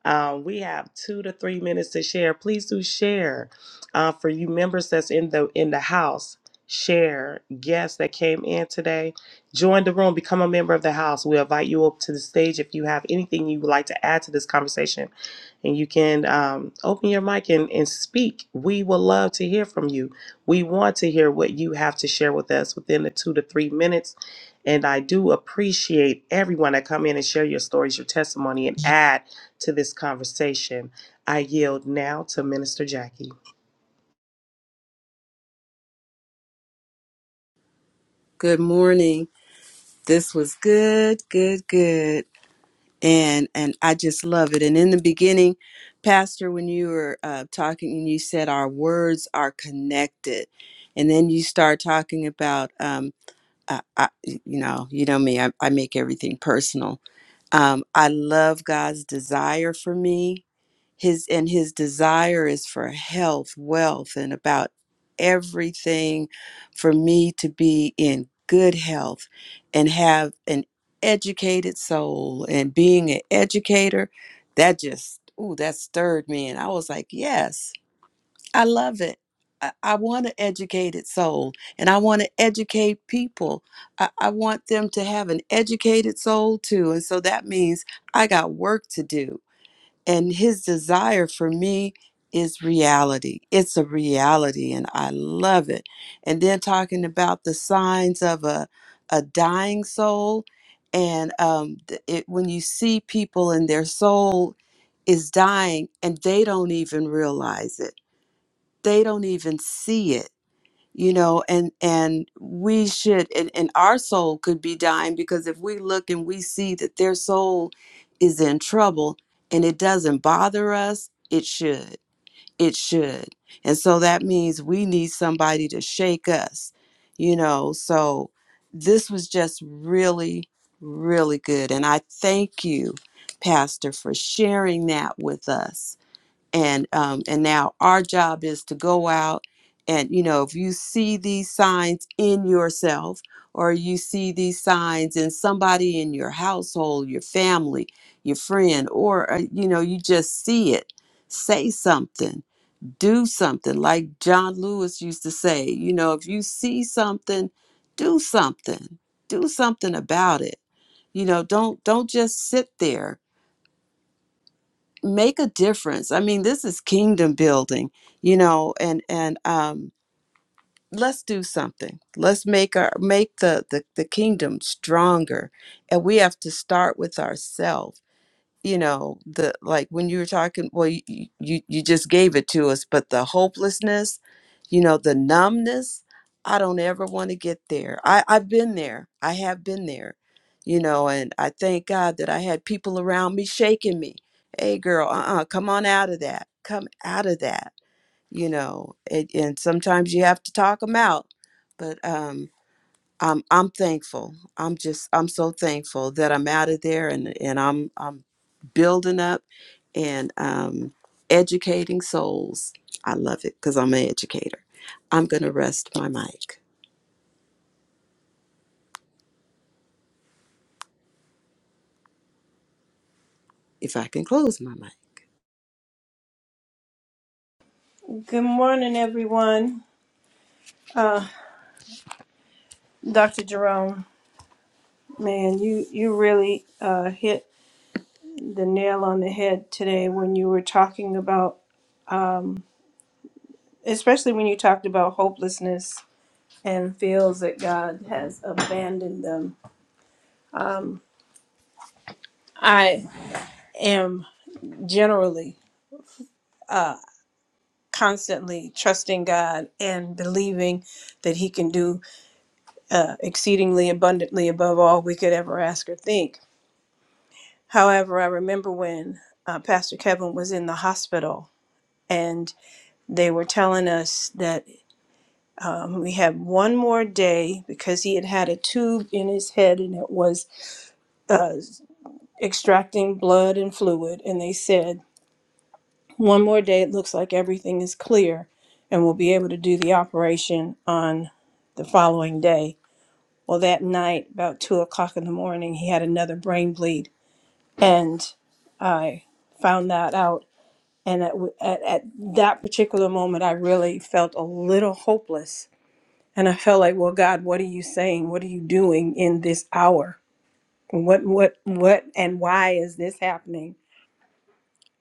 [SPEAKER 1] um, we have two to three minutes to share. Please do share uh, for you members that's in the in the house. Share guests that came in today. Join the room. Become a member of the house. We invite you up to the stage if you have anything you would like to add to this conversation, and you can um, open your mic and, and speak. We will love to hear from you. We want to hear what you have to share with us within the two to three minutes. And I do appreciate everyone that come in and share your stories, your testimony, and add to this conversation. I yield now to Minister Jackie.
[SPEAKER 4] Good morning. This was good, good, good. And and I just love it. And in the beginning, Pastor, when you were uh, talking and you said our words are connected, and then you start talking about, um, I, I, you know, you know me, I, I make everything personal. Um, I love God's desire for me his and his desire is for health wealth and about everything for me to be in good health and have an educated soul and being an educator that just ooh that stirred me and i was like yes i love it i, I want an educated soul and i want to educate people I, I want them to have an educated soul too and so that means i got work to do and his desire for me is reality. It's a reality, and I love it. And then talking about the signs of a, a dying soul, and um, th- it, when you see people and their soul is dying and they don't even realize it, they don't even see it you know and and we should and, and our soul could be dying because if we look and we see that their soul is in trouble and it doesn't bother us it should it should and so that means we need somebody to shake us you know so this was just really really good and i thank you pastor for sharing that with us and um, and now our job is to go out and you know if you see these signs in yourself or you see these signs in somebody in your household your family your friend or uh, you know you just see it say something do something like john lewis used to say you know if you see something do something do something about it you know don't don't just sit there make a difference. I mean, this is kingdom building, you know, and and um let's do something. Let's make our make the the, the kingdom stronger. And we have to start with ourselves you know the like when you were talking well you, you you just gave it to us but the hopelessness you know the numbness i don't ever want to get there i i've been there i have been there you know and i thank god that i had people around me shaking me hey girl uh-uh come on out of that come out of that you know and, and sometimes you have to talk them out but um I'm I'm thankful. I'm just I'm so thankful that I'm out of there and and I'm I'm building up and um educating souls. I love it cuz I'm an educator. I'm going to rest my mic if I can close my mic.
[SPEAKER 5] Good morning, everyone. Uh, Dr. Jerome, man, you, you really uh, hit the nail on the head today when you were talking about, especially when you talked about hopelessness and feels that God has abandoned them. Um, I am generally uh, constantly trusting God and believing that He can do uh, exceedingly abundantly above all we could ever ask or think However, I remember when uh, Pastor Kevin was in the hospital and they were telling us that um, we had one more day because he had had a tube in his head and it was uh, extracting blood and fluid. And they said, one more day, it looks like everything is clear and we'll be able to do the operation on the following day. Well, that night, about two o'clock in the morning, he had another brain bleed. And I found that out And at, at, at that particular moment, I really felt a little hopeless. And I felt like, well, God, what are you saying? What are you doing in this hour? What, what, what, and why is this happening?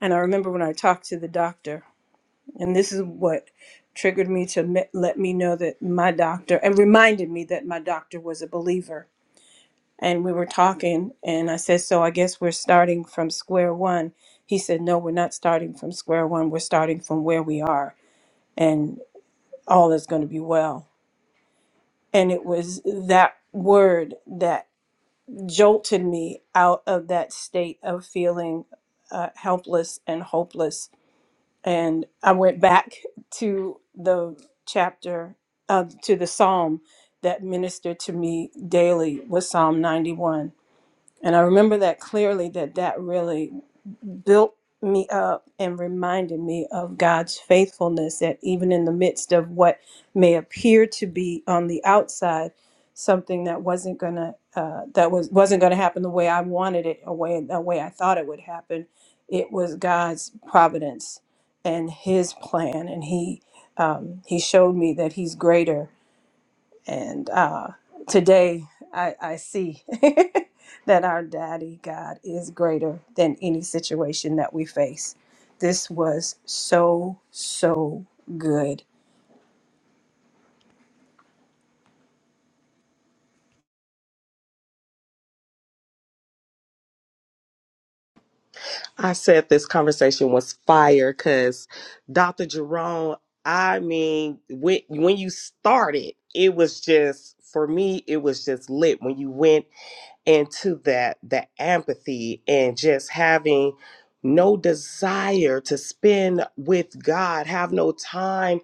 [SPEAKER 5] And I remember when I talked to the doctor, and this is what triggered me to me- let me know that my doctor, and reminded me that my doctor was a believer. And we were talking, and I said, so I guess we're starting from square one. He said, no, we're not starting from square one. We're starting from where we are all is going to be well. And it was that word that jolted me out of that state of feeling uh, helpless and hopeless. And I went back to the chapter, uh, to the psalm that ministered to me daily was Psalm 91 and I remember that clearly that that really built me up and reminded me of God's faithfulness that even in the midst of what may appear to be on the outside something that wasn't going to uh, that was wasn't going to happen the way I wanted it a way the way I thought it would happen it was God's providence and his plan and he um, he showed me that he's greater and uh, today I, I see that our daddy God is greater than any situation that we face. This was so, so good.
[SPEAKER 1] I said this conversation was fire because Dr. Jerome, I mean, when, when you started, it was just for me, it was just lit when you went into that that empathy and just having no desire to spend with God, have no time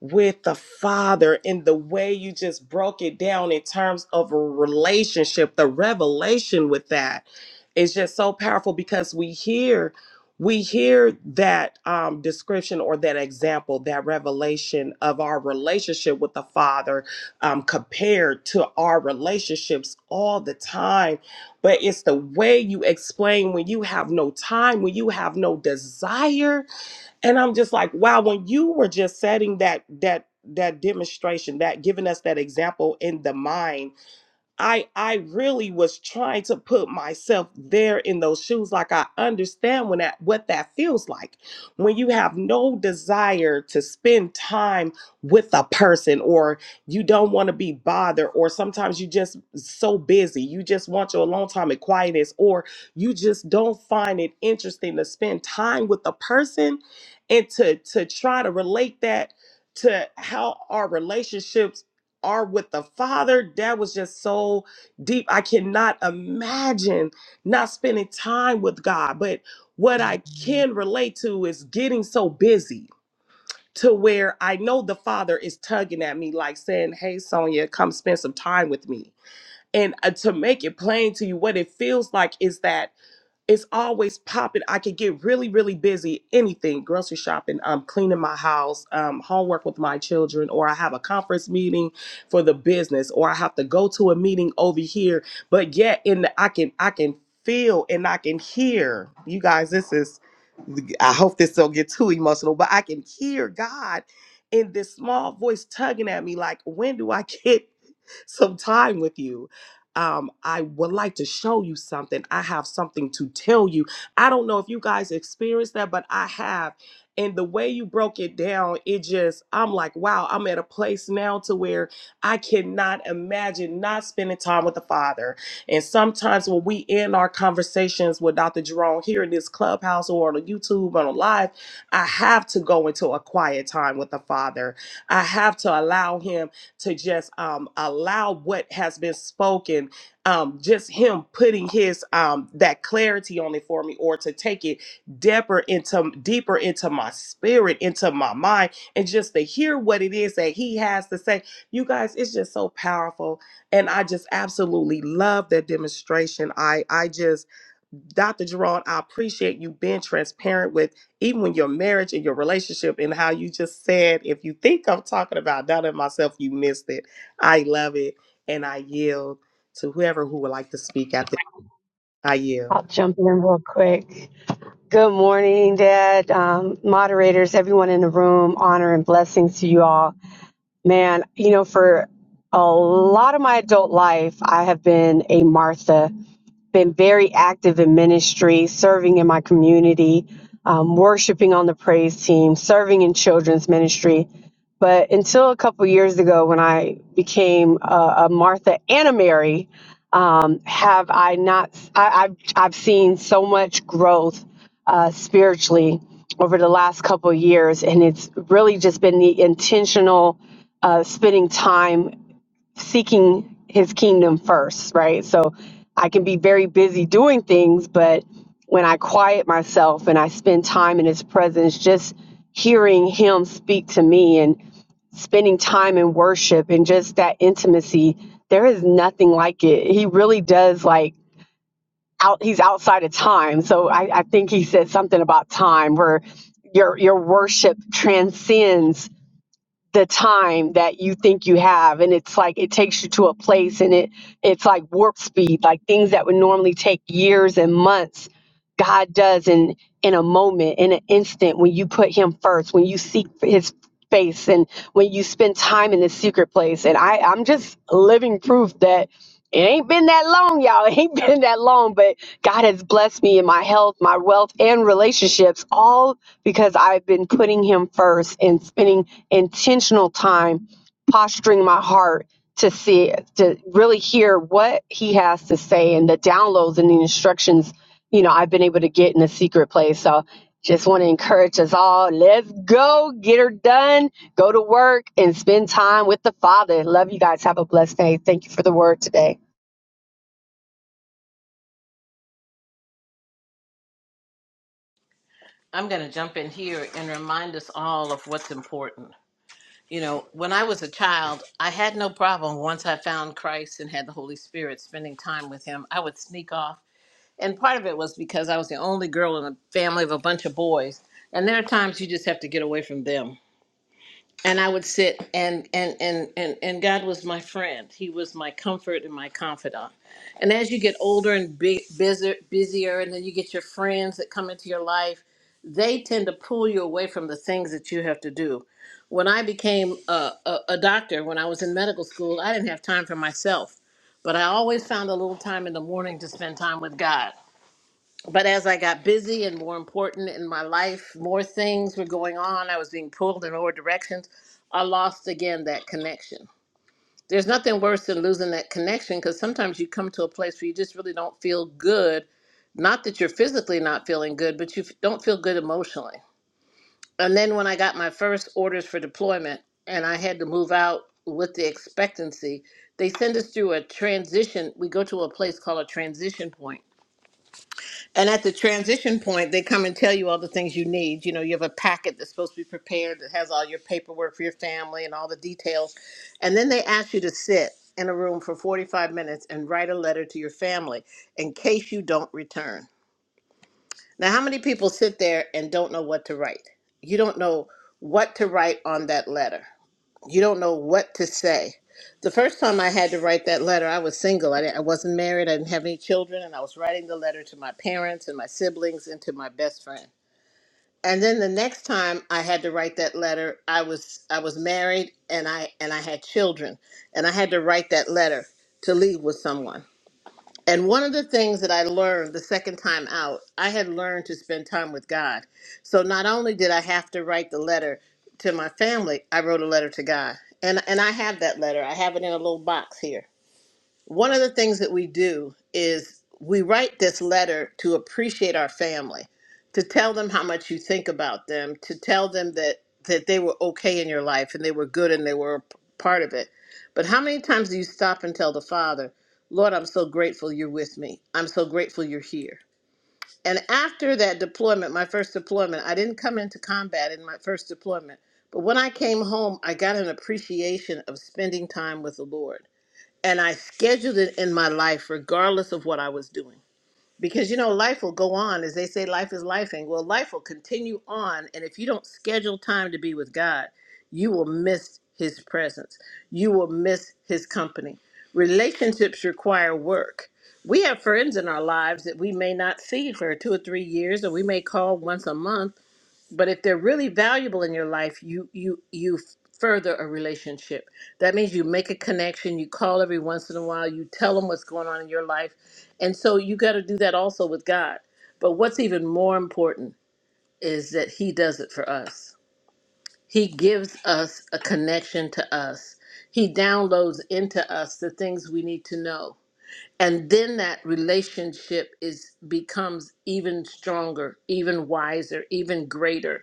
[SPEAKER 1] with the Father and the way you just broke it down in terms of a relationship, the revelation with that is just so powerful because we hear we hear that um, description or that example, that revelation of our relationship with the Father um, compared to our relationships all the time. But it's the way you explain when you have no time, when you have no desire and i'm just like wow when you were just setting that that that demonstration that giving us that example in the mind I I really was trying to put myself there in those shoes. Like I understand when that what that feels like. When you have no desire to spend time with a person or you don't want to be bothered, or sometimes you just so busy, you just want your alone time and quietness, or you just don't find it interesting to spend time with a person and to to try to relate that to how our relationships are with the Father, that was just so deep. I cannot imagine not spending time with God. But what I can relate to is getting so busy to where I know the Father is tugging at me, like saying, Hey, Sonia, come spend some time with me. And uh, to make it plain to you, what it feels like is that it's always popping. I could get really, really busy. Anything, grocery shopping, um, cleaning my house, um, homework with my children, or I have a conference meeting for the business, or I have to go to a meeting over here. But yet, in the, I can, I can feel and I can hear. You guys, this is. I hope this don't get too emotional, but I can hear God in this small voice tugging at me, like, when do I get some time with you? um, I would like to show you something. I have something to tell you. I don't know if you guys experienced that, but I have. And the way you broke it down, it just, I'm like, wow, I'm at a place now to where I cannot imagine not spending time with the Father. And sometimes when we end our conversations with Dr. Jerome here in this clubhouse or on YouTube or on live, I have to go into a quiet time with the Father. I have to allow Him to just um, allow what has been spoken, um, just him putting his um, that clarity on it for me, or to take it deeper into deeper into my spirit, into my mind, and just to hear what it is that he has to say. You guys, it's just so powerful, and I just absolutely love that demonstration. I I just Dr. Jerron, I appreciate you being transparent with even when your marriage and your relationship and how you just said, if you think I'm talking about that and myself, you missed it. I love it. And I yield to whoever who would like to speak after I yield.
[SPEAKER 6] I'll jump in real quick. Good morning, Dad, um, moderators, everyone in the room. Honor and blessings to you all. Man, you know, for a lot of my adult life, I have been a Martha been very active in ministry, serving in my community, um, worshiping on the praise team, serving in children's ministry. But until a couple years ago, when I became a, a Martha and a Mary, um, have I not? I, I've I've seen so much growth uh, spiritually over the last couple of years, and it's really just been the intentional uh, spending time seeking his kingdom first, right? So I can be very busy doing things, but when I quiet myself and I spend time in his presence, just hearing him speak to me and spending time in worship and just that intimacy, there is nothing like it. He really does like out he's outside of time. So I, I think he said something about time where your your worship transcends the time that you think you have and it's like it takes you to a place and it it's like warp speed like things that would normally take years and months god does in in a moment in an instant when you put him first when you seek his face and when you spend time in the secret place and i i'm just living proof that it ain't been that long, y'all. It ain't been that long, but God has blessed me in my health, my wealth, and relationships, all because I've been putting Him first and spending intentional time posturing my heart to see it, to really hear what He has to say and the downloads and the instructions, you know, I've been able to get in a secret place. So just want to encourage us all. Let's go get her done. Go to work and spend time with the Father. Love you guys. Have a blessed day. Thank you for the word today.
[SPEAKER 7] I'm going to jump in here and remind us all of what's important. You know, when I was a child, I had no problem once I found Christ and had the Holy Spirit spending time with Him. I would sneak off. And part of it was because I was the only girl in a family of a bunch of boys. And there are times you just have to get away from them and I would sit and and and and and God was my friend. He was my comfort and my confidant. And as you get older and bu- busier, busier, and then you get your friends that come into your life, they tend to pull you away from the things that you have to do. When I became a, a, a doctor, when I was in medical school, I didn't have time for myself, but I always found a little time in the morning to spend time with God but as I got busy and more important in my life, more things were going on. I was being pulled in all directions. I lost again that connection. There's nothing worse than losing that connection because sometimes you come to a place where you just really don't feel good. Not that you're physically not feeling good, but you f- don't feel good emotionally. And then when I got my first orders for deployment and I had to move out with the expectancy, they send us through a transition. We go to a place called a transition point and at the transition point, they come and tell you all the things you need. You know, you have a packet that's supposed to be prepared that has all your paperwork for your family and all the details. And then they ask you to sit in a room for 45 minutes and write a letter to your family in case you don't return. Now, how many people sit there and don't know what to write? You don't know what to write on that letter. You don't know what to say. The first time I had to write that letter, I was single. I, didn't- I wasn't married. I didn't have any children. And I was writing the letter to my parents and my siblings and to my best friend. And then the next time I had to write that letter, I was I was married and I and I had children and I had to write that letter to leave with someone. And one of the things that I learned the second time out, I had learned to spend time with God. So not only did I have to write the letter to my family, I wrote a letter to God. And and I have that letter. I have it in a little box here one of the things that we do is we write this letter to appreciate our family, to tell them how much you think about them, to tell them that that they were okay in your life and they were good and they were a p- part of it. But how many times do you stop and tell the Father, "Lord, I'm so grateful you're with me. I'm so grateful you're here." And after that deployment, my first deployment, I didn't come into combat in my first deployment, but when I came home, I got an appreciation of spending time with the Lord and I scheduled it in my life regardless of what I was doing. Because you know, life will go on. As they say, life is life. And well, life will continue on. And if you don't schedule time to be with God, you will miss his presence. You will miss his company. Relationships require work. We have friends in our lives that we may not see for two or three years, or we may call once a month but if they're really valuable in your life you you you further a relationship that means you make a connection you call every once in a while you tell them what's going on in your life and so you got to do that also with god but what's even more important is that he does it for us he gives us a connection to us he downloads into us the things we need to know and then that relationship is becomes even stronger even wiser even greater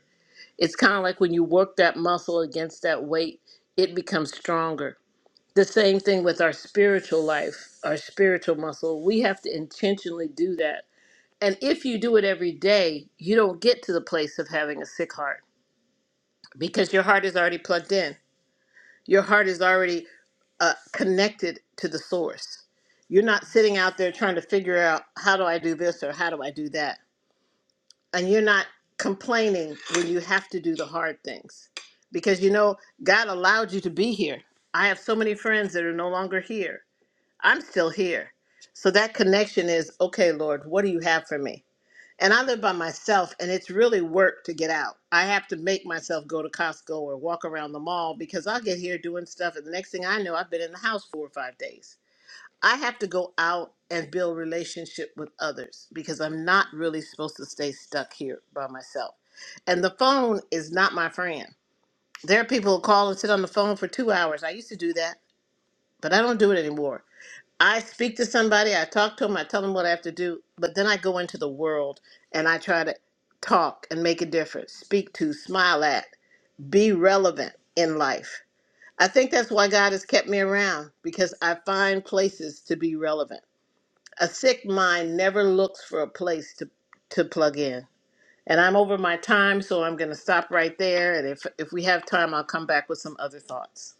[SPEAKER 7] it's kind of like when you work that muscle against that weight, it becomes stronger. The same thing with our spiritual life, our spiritual muscle. We have to intentionally do that. And if you do it every day, you don't get to the place of having a sick heart because your heart is already plugged in. Your heart is already uh, connected to the source. You're not sitting out there trying to figure out how do I do this or how do I do that and you're not complaining when you have to do the hard things because you know god allowed you to be here i have so many friends that are no longer here i'm still here so that connection is okay lord what do you have for me and i live by myself and it's really work to get out i have to make myself go to costco or walk around the mall because i'll get here doing stuff and the next thing i know i've been in the house four or five days I have to go out and build relationship with others because I'm not really supposed to stay stuck here by myself. And the phone is not my friend. There are people who call and sit on the phone for two hours. I used to do that, but I don't do it anymore. I speak to somebody, I talk to them, I tell them what I have to do, but then I go into the world and I try to talk and make a difference, speak to, smile at, be relevant in life. I think that's why God has kept me around because I find places to be relevant. A sick mind never looks for a place to, to plug in. And I'm over my time, so I'm going to stop right there. And if, if we have time, I'll come back with some other thoughts.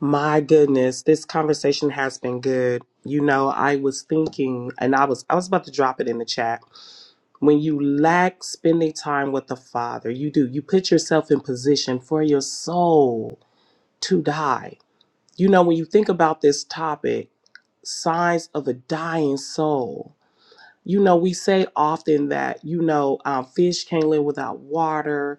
[SPEAKER 1] My goodness, this conversation has been good. You know, I was thinking and I was I was about to drop it in the chat. When you lack spending time with the Father, you do. You put yourself in position for your soul to die. You know, when you think about this topic, signs of a dying soul you know, we say often that, you know, um, fish can't live without water.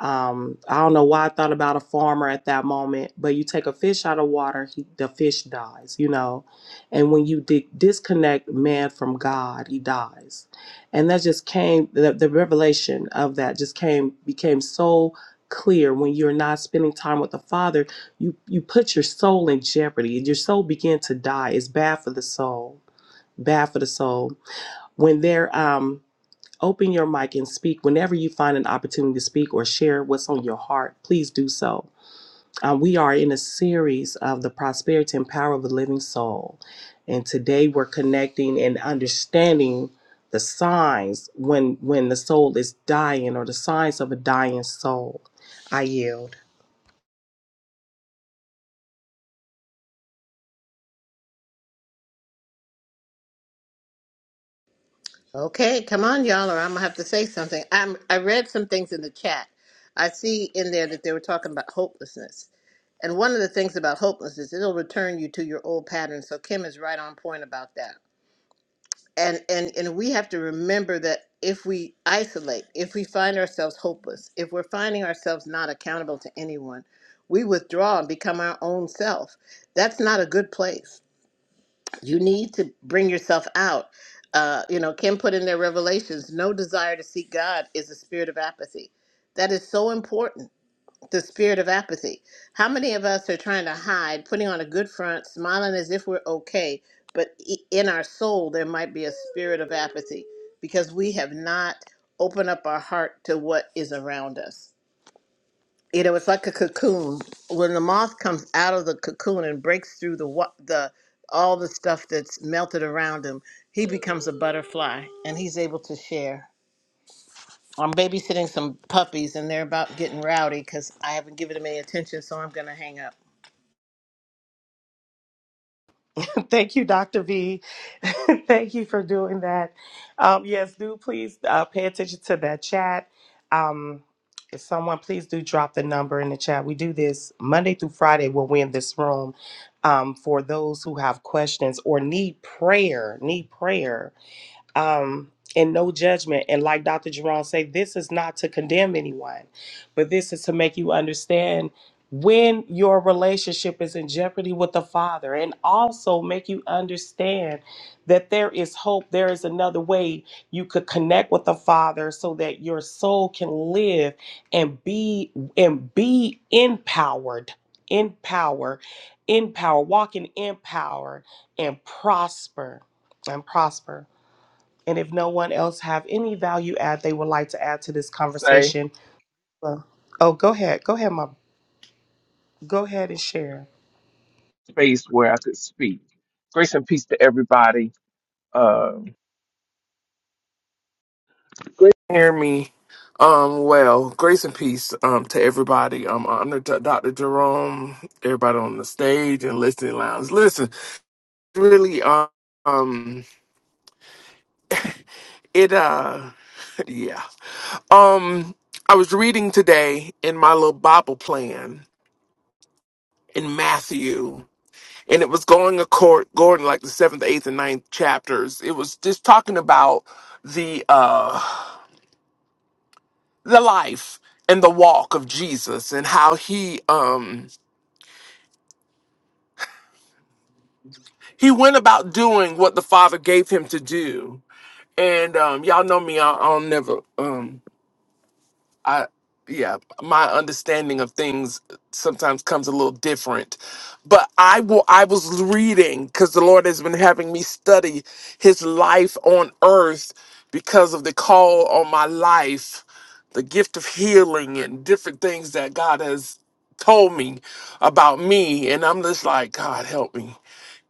[SPEAKER 1] Um, I don't know why I thought about a farmer at that moment, but you take a fish out of water, he, the fish dies, you know. And when you di- disconnect man from God, he dies. And that just came, the, the revelation of that just came, became so clear when you're not spending time with the father you you put your soul in jeopardy your soul begin to die it's bad for the soul bad for the soul when they're um, open your mic and speak whenever you find an opportunity to speak or share what's on your heart please do so um, we are in a series of the prosperity and power of the living soul and today we're connecting and understanding the signs when when the soul is dying or the signs of a dying soul i yield
[SPEAKER 7] Okay, come on, y'all, or I'm going to have to say something. I'm, I read some things in the chat. I see in there that they were talking about hopelessness. And one of the things about hopelessness, it'll return you to your old patterns. So Kim is right on point about that. and and and we have to remember that if we isolate if we find ourselves hopeless if we're finding ourselves not accountable to anyone we withdraw and become our own self that's not a good place you need to bring yourself out uh, you know kim put in their revelations no desire to seek god is a spirit of apathy that is so important the spirit of apathy. How many of us are trying to hide, putting on a good front, smiling as if we're okay, but i- in our soul there might be a spirit of apathy because we have not opened up our heart to what is around us. You know, it's like a cocoon. When the moth comes out of the cocoon and breaks through the wa- the all the stuff that's melted around him, he becomes a butterfly and he's able to share. I'm babysitting some puppies and they're about getting rowdy because I haven't given them any attention, so I'm gonna hang up.
[SPEAKER 1] Thank you, Dr. V. Thank you for doing that. Um, yes, do please uh, pay attention to that chat. Um, if someone, please do drop the number in the chat. We do this Monday through Friday when we're in this room um, for those who have questions or need prayer, need prayer um, and no judgment. And like Dr. Jerome say, this is not to condemn anyone, but this is to make you understand when your relationship is in jeopardy with the Father, and also make you understand that there is hope, there is another way you could connect with the Father so that your soul can live and be and be empowered, in power, in power, walking in power and prosper and prosper. And if no one else have any value add they would like to add to this
[SPEAKER 3] say
[SPEAKER 1] conversation, uh, oh, go ahead, go ahead, my, go ahead and share.
[SPEAKER 3] space where I could speak. Grace and peace to everybody. Um, great to hear me. Um, well, grace and peace um to everybody. Um, I'm the D- Dr. Jerome. Everybody on the stage and listening lounge. Listen, really, um, um, it uh, yeah. Um, I was reading today in my little Bible plan in Matthew. and it was going accord going to, like the seventh, eighth, and ninth chapters. It was just talking about the uh the life and the walk of Jesus and how he um he went about doing what the Father gave him to do. And um y'all know me, I, I'll never um I yeah, my understanding of things sometimes comes a little different. But I will I was reading cuz the Lord has been having me study his life on earth because of the call on my life, the gift of healing and different things that God has told me about me and I'm just like God help me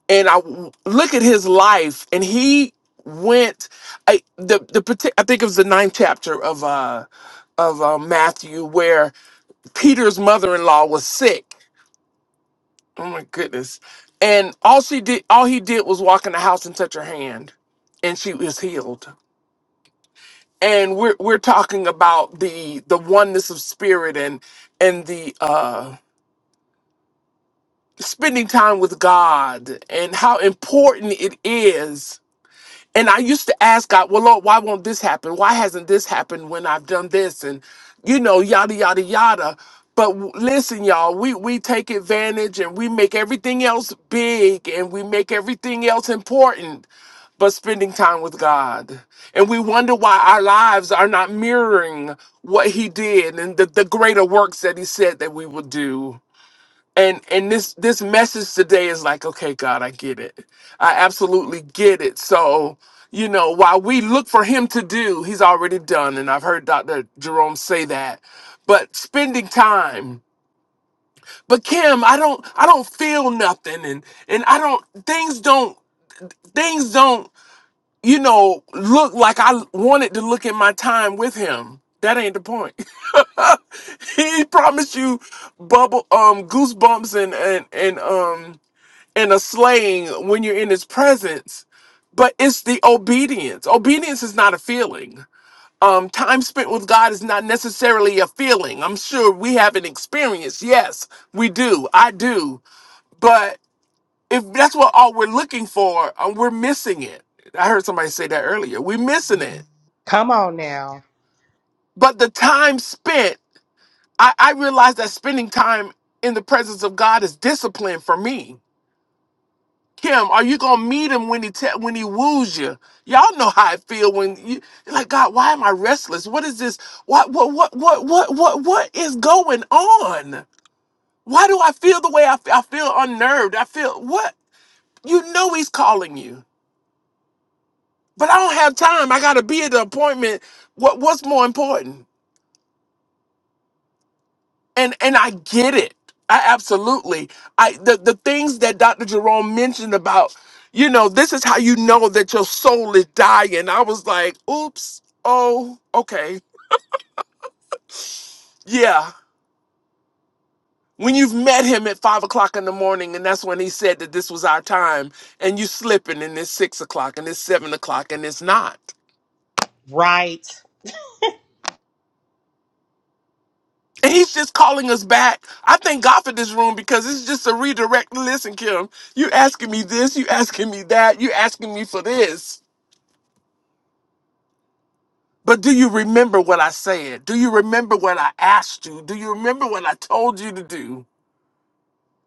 [SPEAKER 3] and I w- look at his life, and he went. I the the parti- I think it was the ninth chapter of uh of uh, Matthew where Peter's mother-in-law was sick. Oh my goodness! And all she did, all he did was walk in the house and touch her hand, and she was healed. And we're we're talking about the the oneness of spirit and and the uh, spending time with God and how important it is And I used to ask God, well, Lord, why won't this happen? Why hasn't this happened when I've done this? And, you know, yada, yada, yada. But w- listen, y'all, we, we take advantage and we make everything else big and we make everything else important but spending time with God. And we wonder why our lives are not mirroring what He did and the, the greater works that He said that we would do and and this this message today is like okay god i get it i absolutely get it so you know while we look for him to do he's already done and i've heard dr jerome say that but spending time but kim i don't i don't feel nothing and and i don't things don't things don't you know look like i wanted to look at my time with him that ain't the point he promised you bubble um goosebumps and and and um and a slaying when you're in his presence, but it's the obedience. Obedience is not a feeling. Um, time spent with God is not necessarily a feeling. I'm sure we have an experience. Yes, we do. I do. But if that's what all we're looking for, uh, we're missing it. I heard somebody say that earlier. We're missing it.
[SPEAKER 1] Come on now,
[SPEAKER 3] But the time spent, I, I realize that spending time in the presence of God is discipline for me Kim, are you gonna meet him when he te- when he woos you? Y'all know how I feel when you like God. Why am I restless? What is this? What what what what what what what is going on? Why do I feel the way I feel? I feel unnerved. I feel what you know. He's calling you, but I don't have time. I gotta be at the appointment. What what's more important? and and I get it. I absolutely. I the the things that Dr. Jerome mentioned about, you know, this is how you know that your soul is dying. I was like, oops, oh, okay, yeah. When you've met him at five o'clock in the morning, and that's when he said that this was our time, and you slipping, and it's six o'clock, and it's seven o'clock, and it's not.
[SPEAKER 1] right?
[SPEAKER 3] And he's just calling us back. I thank God for this room because it's just a redirect. Listen, Kim, you asking me this, you asking me that, you asking me for this But do you remember what I said? Do you remember what I asked you? Do you remember what I told you to do?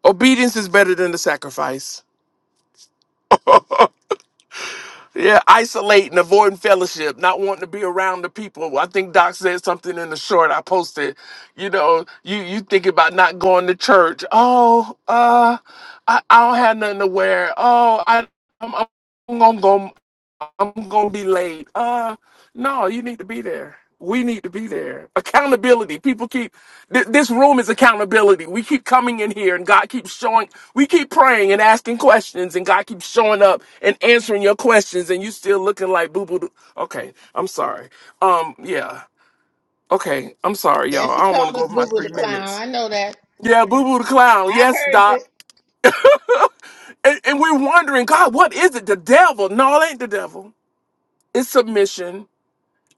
[SPEAKER 3] Obedience is better than the sacrifice. Yeah, isolate and avoiding fellowship, not wanting to be around the people. I think Doc said something in the short I posted. You know, you you think about not going to church. Oh, uh, I, I don't have nothing to wear. Oh, I I'm, I'm gonna go. I'm gonna be late. Uh, no, you need to be there. We need to be there. Accountability. People keep th- this room is accountability. We keep coming in here, and God keeps showing. We keep praying and asking questions, and God keeps showing up and answering your questions, and you still looking like boo boo. doo. Okay, I'm sorry. Um, yeah. Okay, I'm sorry,
[SPEAKER 7] Yeah,
[SPEAKER 3] y'all. I
[SPEAKER 7] she
[SPEAKER 3] don't want to
[SPEAKER 7] called
[SPEAKER 3] go
[SPEAKER 7] us
[SPEAKER 3] over my
[SPEAKER 7] Boo Boo
[SPEAKER 3] three
[SPEAKER 7] the Clown.
[SPEAKER 3] minutes.
[SPEAKER 7] I know that.
[SPEAKER 3] Yeah, boo boo the clown.
[SPEAKER 7] I
[SPEAKER 3] Yes,
[SPEAKER 7] heard
[SPEAKER 3] doc.
[SPEAKER 7] it.
[SPEAKER 3] And, and we're wondering, God, what is it? The devil? No, it ain't the devil. It's submission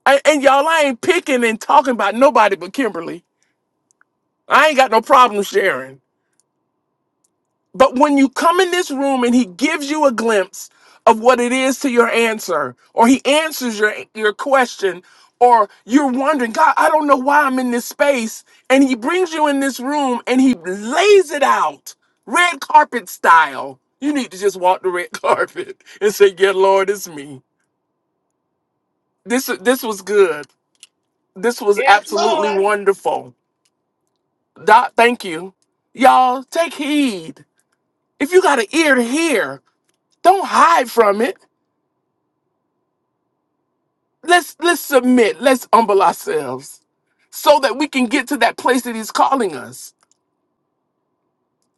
[SPEAKER 3] I, and y'all, I ain't picking and talking about nobody but Kimberly. I ain't got no problem sharing. But when you come in this room and he gives you a glimpse of what it is to your answer, or he answers your your question, or you're wondering, God, I don't know why I'm in this space, and he brings you in this room and he lays it out, red carpet style. You need to just walk the red carpet and say, "Yeah, Lord, it's me." This this was good. This was
[SPEAKER 7] Yes,
[SPEAKER 3] absolutely
[SPEAKER 7] Lord.
[SPEAKER 3] wonderful. Doc, thank you. Y'all, take heed. If you got an ear to hear, don't hide from it. Let's let's submit. Let's humble ourselves so that we can get to that place that he's calling us.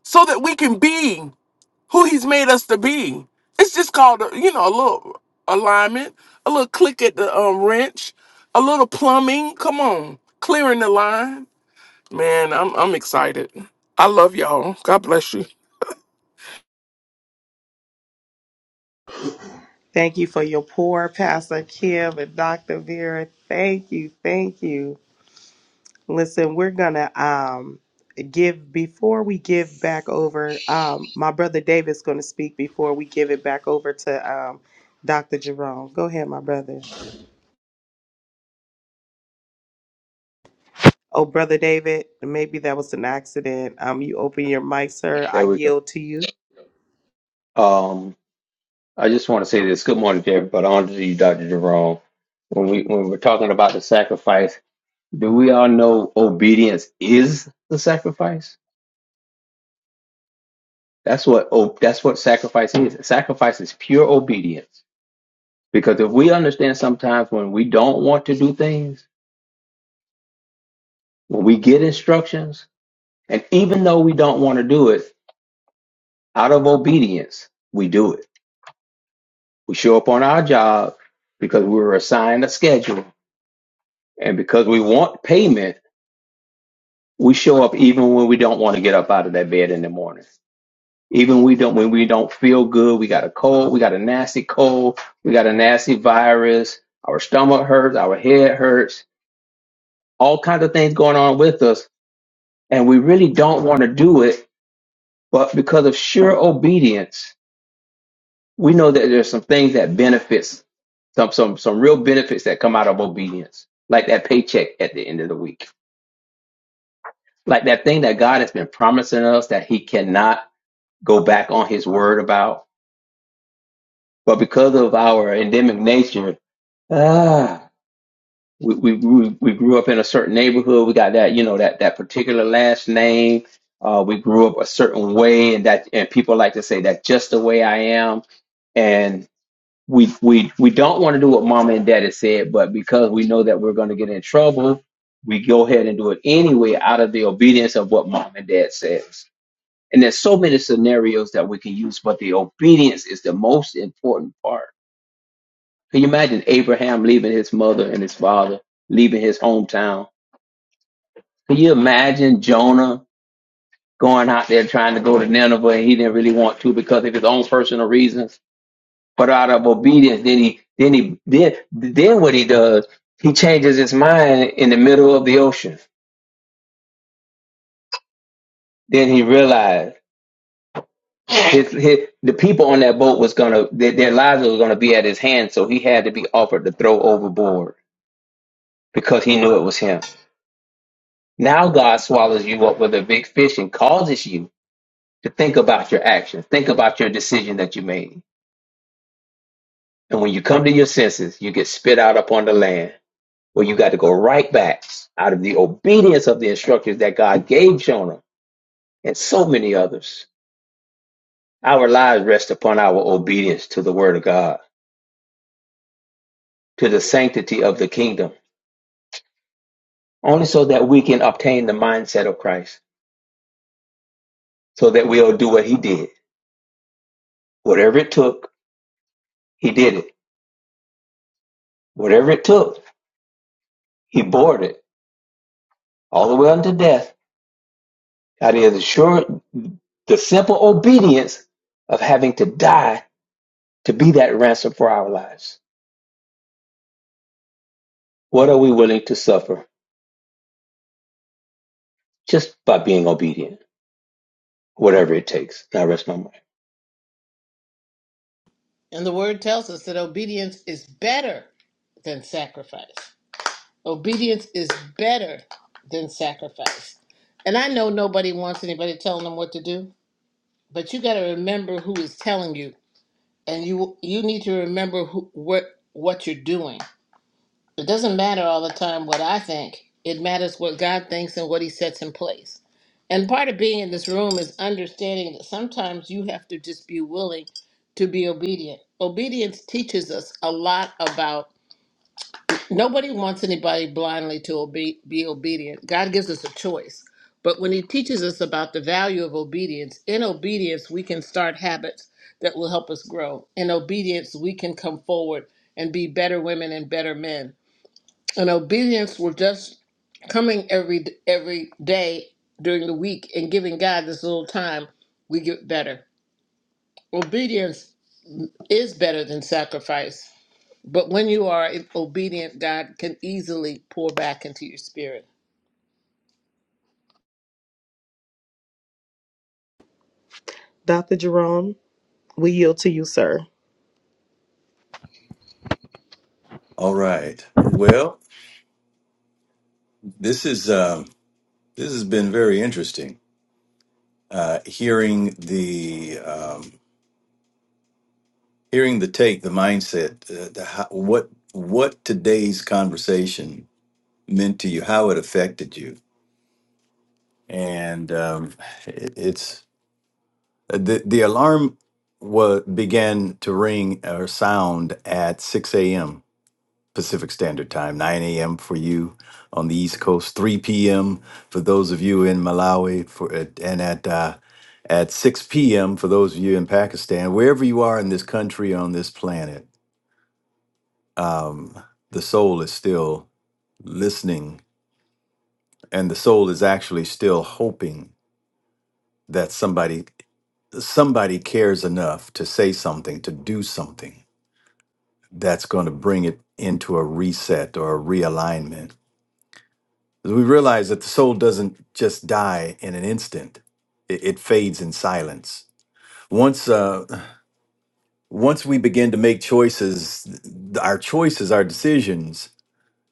[SPEAKER 3] So that we can be who he's made us to be. It's just called, a, you know, a little alignment, a little click at the um, wrench, a little plumbing. Come on, clearing the line. Man, I'm I'm excited. I love y'all. God bless you.
[SPEAKER 1] Thank you for your poor Pastor Kim and Dr. Vera. Thank you, thank you. Listen, we're gonna um give before we give back over. Um, my brother David's gonna speak before we give it back over to um Dr. Jerome. Go ahead, my brother. Oh, Brother David, maybe that was an accident. Um, you open your mic, sir.
[SPEAKER 8] There
[SPEAKER 1] I
[SPEAKER 8] we go.
[SPEAKER 1] yield to you.
[SPEAKER 8] Um, I just want to say this. Good morning to everybody. On to you, Dr. Jerome. When we when we're talking about the sacrifice, do we all know obedience is the sacrifice? That's what oh, that's what sacrifice is. Sacrifice is pure obedience. Because if we understand sometimes when we don't want to do things, when we get instructions, and even though we don't want to do it, out of obedience, we do it. We show up on our job because we were assigned a schedule And because we want payment, we show up even when we don't want to get up out of that bed in the morning. Even we don't when we don't feel good, we got a cold, we got a nasty cold, we got a nasty virus, our stomach hurts, our head hurts, all kinds of things going on with us, and we really don't want to do it, but because of sheer obedience, we know that there's some things that benefits some some some real benefits that come out of obedience, like that paycheck at the end of the week like that thing that God has been promising us that He cannot go back on His word about. But because of our endemic nature, ah, we we we we grew up in a certain neighborhood. We got that you know that that particular last name. Uh, we grew up a certain way, and that and people like to say that's just the way I am, and we we we don't want to do what mama and daddy said, but because we know that we're going to get in trouble, we go ahead and do it anyway out of the obedience of what mom and dad says And there's so many scenarios that we can use, but the obedience is the most important part. Can you imagine Abraham leaving his mother and his father, leaving his hometown? Can you imagine Jonah going out there trying to go to Nineveh and he didn't really want to because of his own personal reasons? But out of obedience, then he then he then then what he does, he changes his mind in the middle of the ocean. Then he realized. his, his the people on that boat was gonna their, their lives was gonna be at his hand, so he had to be offered to throw overboard because he knew it was him. Now God swallows you up with a big fish and causes you to think about your actions, think about your decision that you made. And when you come to your senses, you get spit out upon the land where you got to go right back out of the obedience of the instructions that God gave Jonah and so many others. Our lives rest upon our obedience to the word of God, to the sanctity of the kingdom only so that we can obtain the mindset of Christ, so that we'll do what he did. Whatever it took, he did it. Whatever it took, he bore it all the way unto death. That is the sure the simple obedience of having to die to be that ransom for our lives. What are we willing to suffer just by being obedient? Whatever it takes. Now rest my mind.
[SPEAKER 7] And the word tells us that obedience is better than sacrifice. Obedience is better than sacrifice. And I know nobody wants anybody telling them what to do, but you got to remember who is telling you, and you you need to remember who what what you're doing. It doesn't matter all the time what I think. It matters what God thinks and what He sets in place. And part of being in this room is understanding that sometimes you have to just be willing to be obedient. Obedience teaches us a lot about nobody wants anybody blindly to obe- be obedient. God gives us a choice. But when He teaches us about the value of obedience, in obedience, we can start habits that will help us grow. In obedience, we can come forward and be better women and better men and obedience was just coming every every day during the week and giving God this little time, we get better. Obedience is better than sacrifice, but when you are obedient, God can easily pour back into your spirit.
[SPEAKER 1] Dr. Jerome, we yield to you, sir.
[SPEAKER 2] All right. Well, this is um, this has been very interesting. Uh, hearing the um, hearing the take, the mindset, uh, the, how, what what today's conversation meant to you, how it affected you, and um, it, it's The the alarm wa began to ring or sound at 6 a.m. Pacific Standard Time, 9 a.m. for you on the East Coast, 3 p.m. for those of you in Malawi, for and at uh, at 6 p.m. for those of you in Pakistan, wherever you are in this country on this planet, um, the soul is still listening, and the soul is actually still hoping that somebody somebody cares enough to say something, to do something that's going to bring it into a reset or a realignment. 'Cause we realize that the soul doesn't just die in an instant; it, it fades in silence. Once, uh, once we begin to make choices, th- our choices, our decisions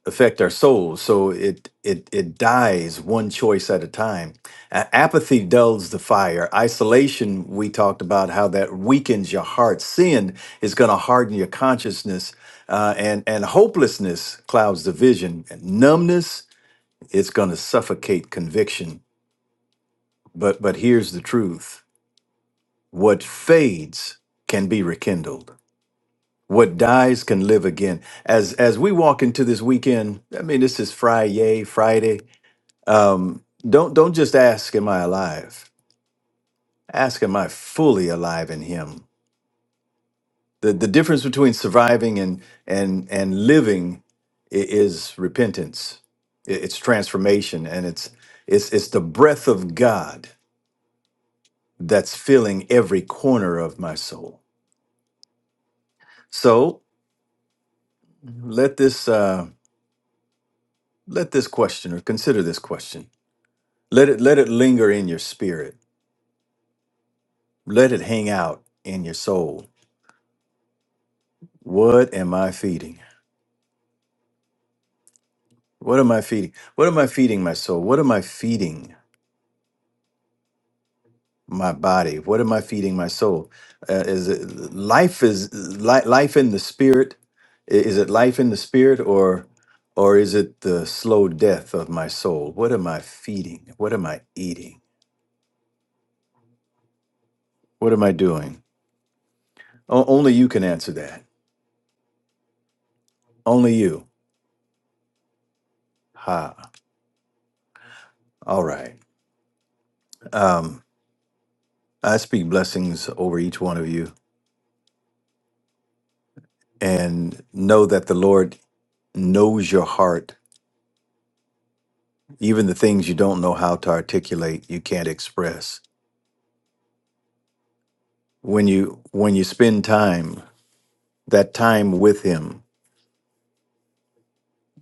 [SPEAKER 2] affect our souls. So it it it dies one choice at a time. A- apathy dulls the fire. Isolation, we talked about how that weakens your heart. Sin is going to harden your consciousness, uh, and and hopelessness clouds the vision. And numbness, it's going to suffocate conviction. But but here's the truth: what fades can be rekindled. What dies can live again. As as we walk into this weekend, I mean, this is Friday, Friday Um, don't don't just ask, "Am I alive?" Ask, "Am I fully alive in Him?" The the difference between surviving and and and living i- is repentance. I- It's transformation, and it's it's it's the breath of God that's filling every corner of my soul. So let this uh, let this question or consider this question. Let it let it linger in your spirit. Let it hang out in your soul. What am I feeding? What am I feeding? What am I feeding my soul? What am I feeding my body? What am I feeding my soul? Uh, is it life is li- life in the spirit? I- Is it life in the spirit or or is it the slow death of my soul? What am I feeding? What am I eating? What am I doing? O- only you can answer that. Only you. Ha. All right. Um, I speak blessings over each one of you and know that the Lord knows your heart even the things you don't know how to articulate you can't express when you when you spend time that time with him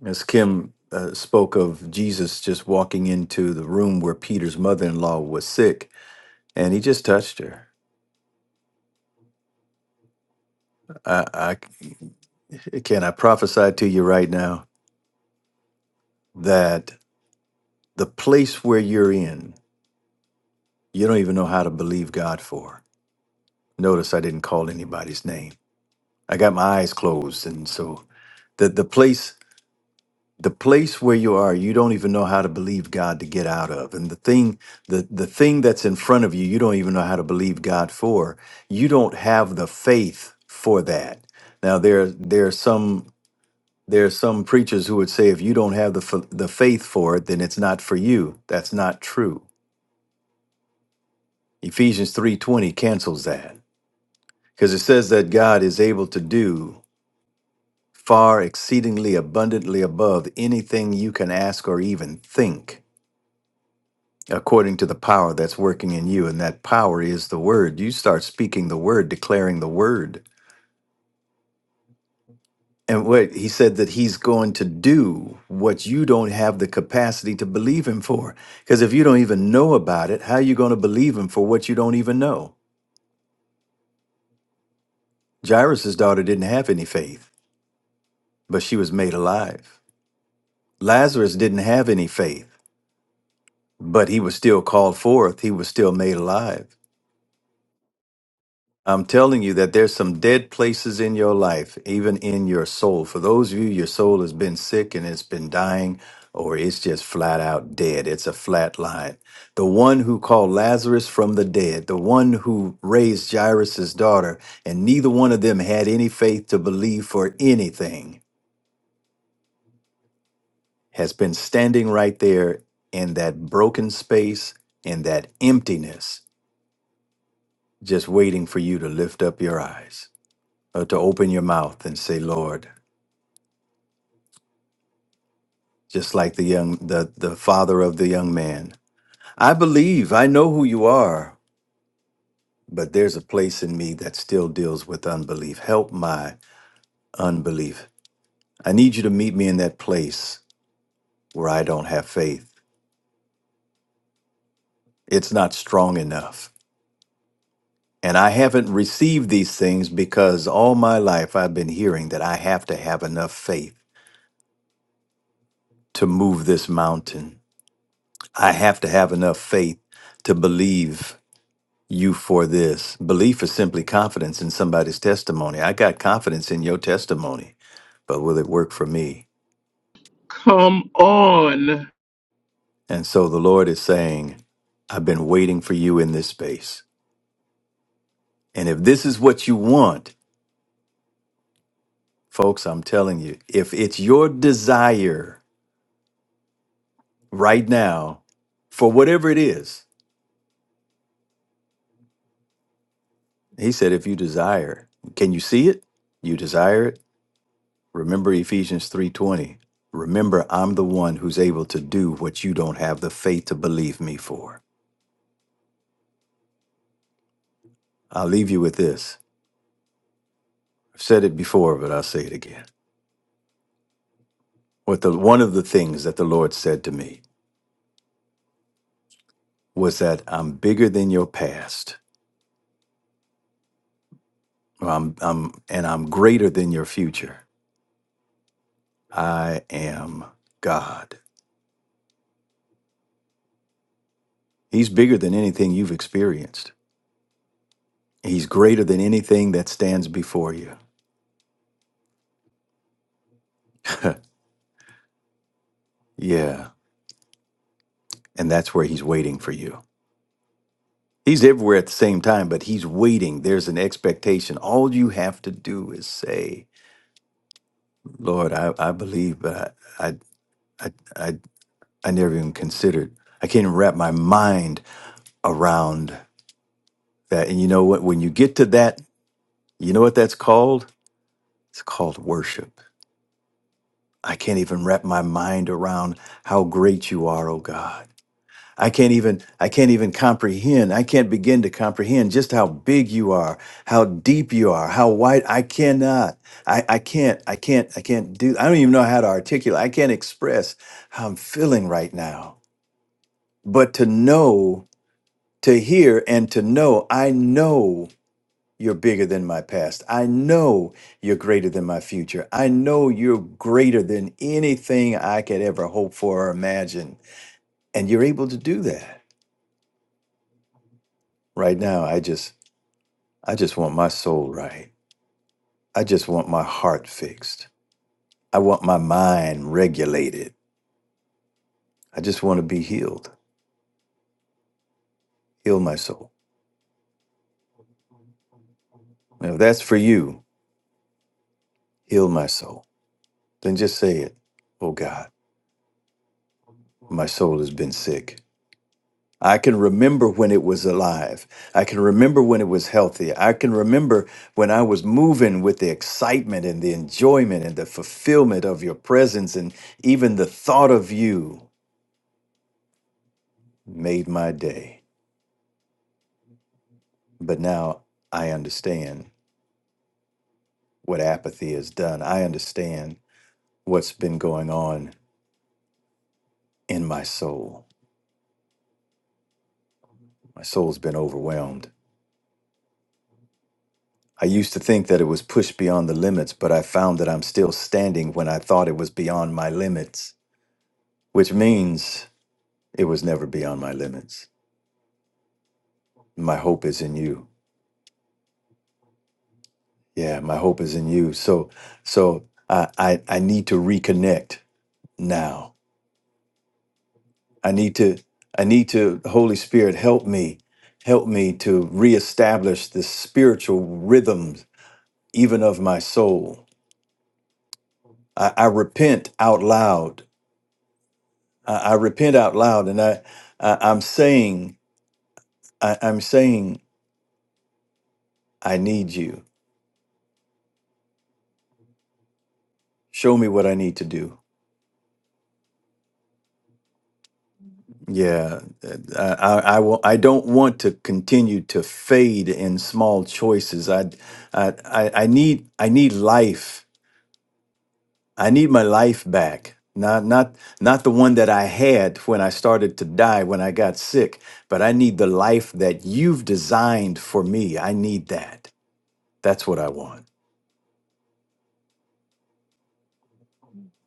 [SPEAKER 2] as kim uh, spoke of jesus just walking into the room where peter's mother-in-law was sick and he just touched her i, I can i prophesy to you right now that the place where you're in you don't even know how to believe god for notice i didn't call anybody's name i got my eyes closed and so the, the place the place where you are you don't even know how to believe god to get out of and the thing the the thing that's in front of you you don't even know how to believe god for you don't have the faith for that now there there are some there are some preachers who would say if you don't have the f- the faith for it then it's not for you that's not true ephesians 3:20 cancels that because it says that god is able to do far exceedingly abundantly above anything you can ask or even think according to the power that's working in you. And that power is the word. You start speaking the word, declaring the word. And what he said that he's going to do what you don't have the capacity to believe him for. Because if you don't even know about it, how are you going to believe him for what you don't even know? Jairus' daughter didn't have any faith, but she was made alive. Lazarus didn't have any faith, but he was still called forth. He was still made alive. I'm telling you that there's some dead places in your life, even in your soul. For those of you, your soul has been sick and it's been dying, or it's just flat out dead. It's a flat line. The one who called Lazarus from the dead, the one who raised Jairus' daughter, and neither one of them had any faith to believe for anything, has been standing right there in that broken space, in that emptiness, just waiting for you to lift up your eyes. or to open your mouth and say, Lord, just like the young the, the father of the young man. I believe, I know who you are, but there's a place in me that still deals with unbelief. Help my unbelief. I need you to meet me in that place where I don't have faith. It's not strong enough. And I haven't received these things because all my life I've been hearing that I have to have enough faith to move this mountain. I have to have enough faith to believe you for this. Belief is simply confidence in somebody's testimony. I got confidence in your testimony, but will it work for me?
[SPEAKER 3] Come on.
[SPEAKER 2] And so the Lord is saying, I've been waiting for you in this space. And if this is what you want, folks, I'm telling you, if it's your desire right now for whatever it is, He said, if you desire, can you see it? You desire it? Remember Ephesians 3:20. Remember I'm the one who's able to do what you don't have the faith to believe me for. I'll leave you with this. I've said it before, but I'll say it again. What the one of the things that the Lord said to me was that I'm bigger than your past. I'm, I'm and I'm greater than your future. I am God. He's bigger than anything you've experienced. He's greater than anything that stands before you. yeah, and that's where he's waiting for you. He's everywhere at the same time, but he's waiting. There's an expectation. All you have to do is say, Lord, I, I believe, but I, I, I, I, I never even considered. I can't even wrap my mind around that. And you know what? When you get to that, you know what that's called? It's called worship. I can't even wrap my mind around how great you are, oh God. I can't even I can't even comprehend. I can't begin to comprehend just how big you are, how deep you are, how wide I cannot. I, I can't I can't I can't do I don't even know how to articulate. I can't express how I'm feeling right now. But to know, to hear and to know, I know you're bigger than my past. I know you're greater than my future. I know you're greater than anything I could ever hope for or imagine. And you're able to do that right now. I just I just want my soul right. I just want my heart fixed. I want my mind regulated. I just want to be healed. Heal my soul. Now, if that's for you, heal my soul. Then just say it. Oh God, my soul has been sick. I can remember when it was alive. I can remember when it was healthy. I can remember when I was moving with the excitement and the enjoyment and the fulfillment of your presence, and even the thought of you made my day. but now I understand what apathy has done. I understand what's been going on in my soul. My soul's been overwhelmed. I used to think that it was pushed beyond the limits, but I found that I'm still standing when I thought it was beyond my limits, which means it was never beyond my limits. My hope is in you. Yeah, my hope is in you. So so I I, I need to reconnect now I need to, I need to, Holy Spirit, help me, help me to reestablish the spiritual rhythms, even of my soul. I, I repent out loud. I, I repent out loud, and I, I I'm saying, I, I'm saying, I need you. Show me what I need to do. Yeah, I, I, I, will, I don't want to continue to fade in small choices. I, I, I I need, I need life. I need my life back. Not not not the one that I had when I started to die when I got sick, but I need the life that you've designed for me. I need that. That's what I want.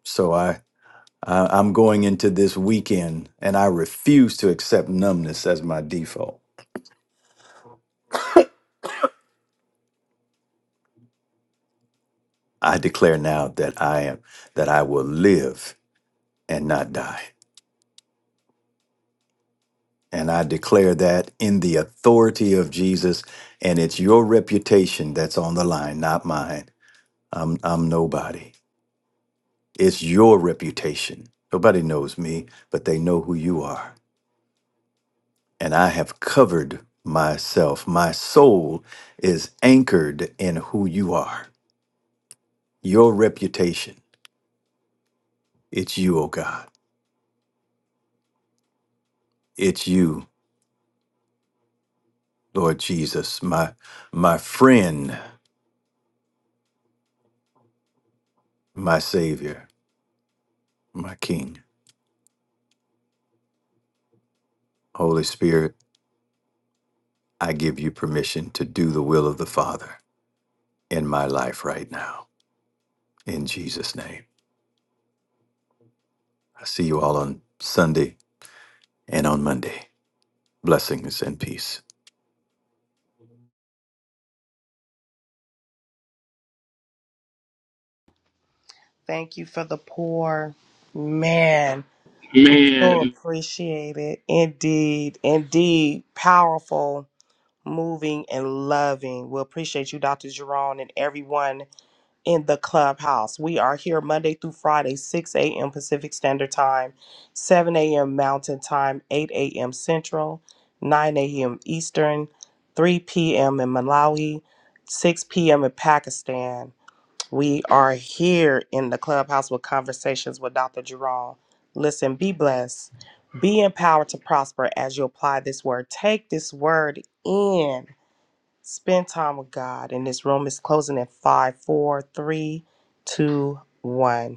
[SPEAKER 2] So I, I I'm going into this weekend and I refuse to accept numbness as my default. I declare now that I am that I will live and not die. And I declare that in the authority of Jesus and it's your reputation that's on the line, not mine. I'm I'm nobody. It's your reputation. Nobody knows me, but they know who you are. And I have covered myself. My soul is anchored in who you are. Your reputation. It's you, O God. It's you, Lord Jesus, my my friend, my savior, my king. Holy Spirit, I give you permission to do the will of the Father in my life right now. In Jesus' name. I see you all on Sunday and on Monday. Blessings and peace.
[SPEAKER 1] Thank you for the poor man. So
[SPEAKER 3] Man,
[SPEAKER 1] appreciate it. Indeed, indeed, powerful, moving, and loving. We appreciate you, Dr. Jerome, and everyone. in the clubhouse. We are here Monday through Friday, 6 a.m. Pacific Standard Time, 7 a.m. Mountain Time, 8 a.m. Central, 9 a.m. Eastern, 3 p.m. in Malawi, 6 p.m. in Pakistan. We are here in the clubhouse with conversations with Dr. Jerome. Listen, be blessed, be empowered to prosper as you apply this word. Take this word in Spend time with God. And this room is closing at five, four, three, two, one.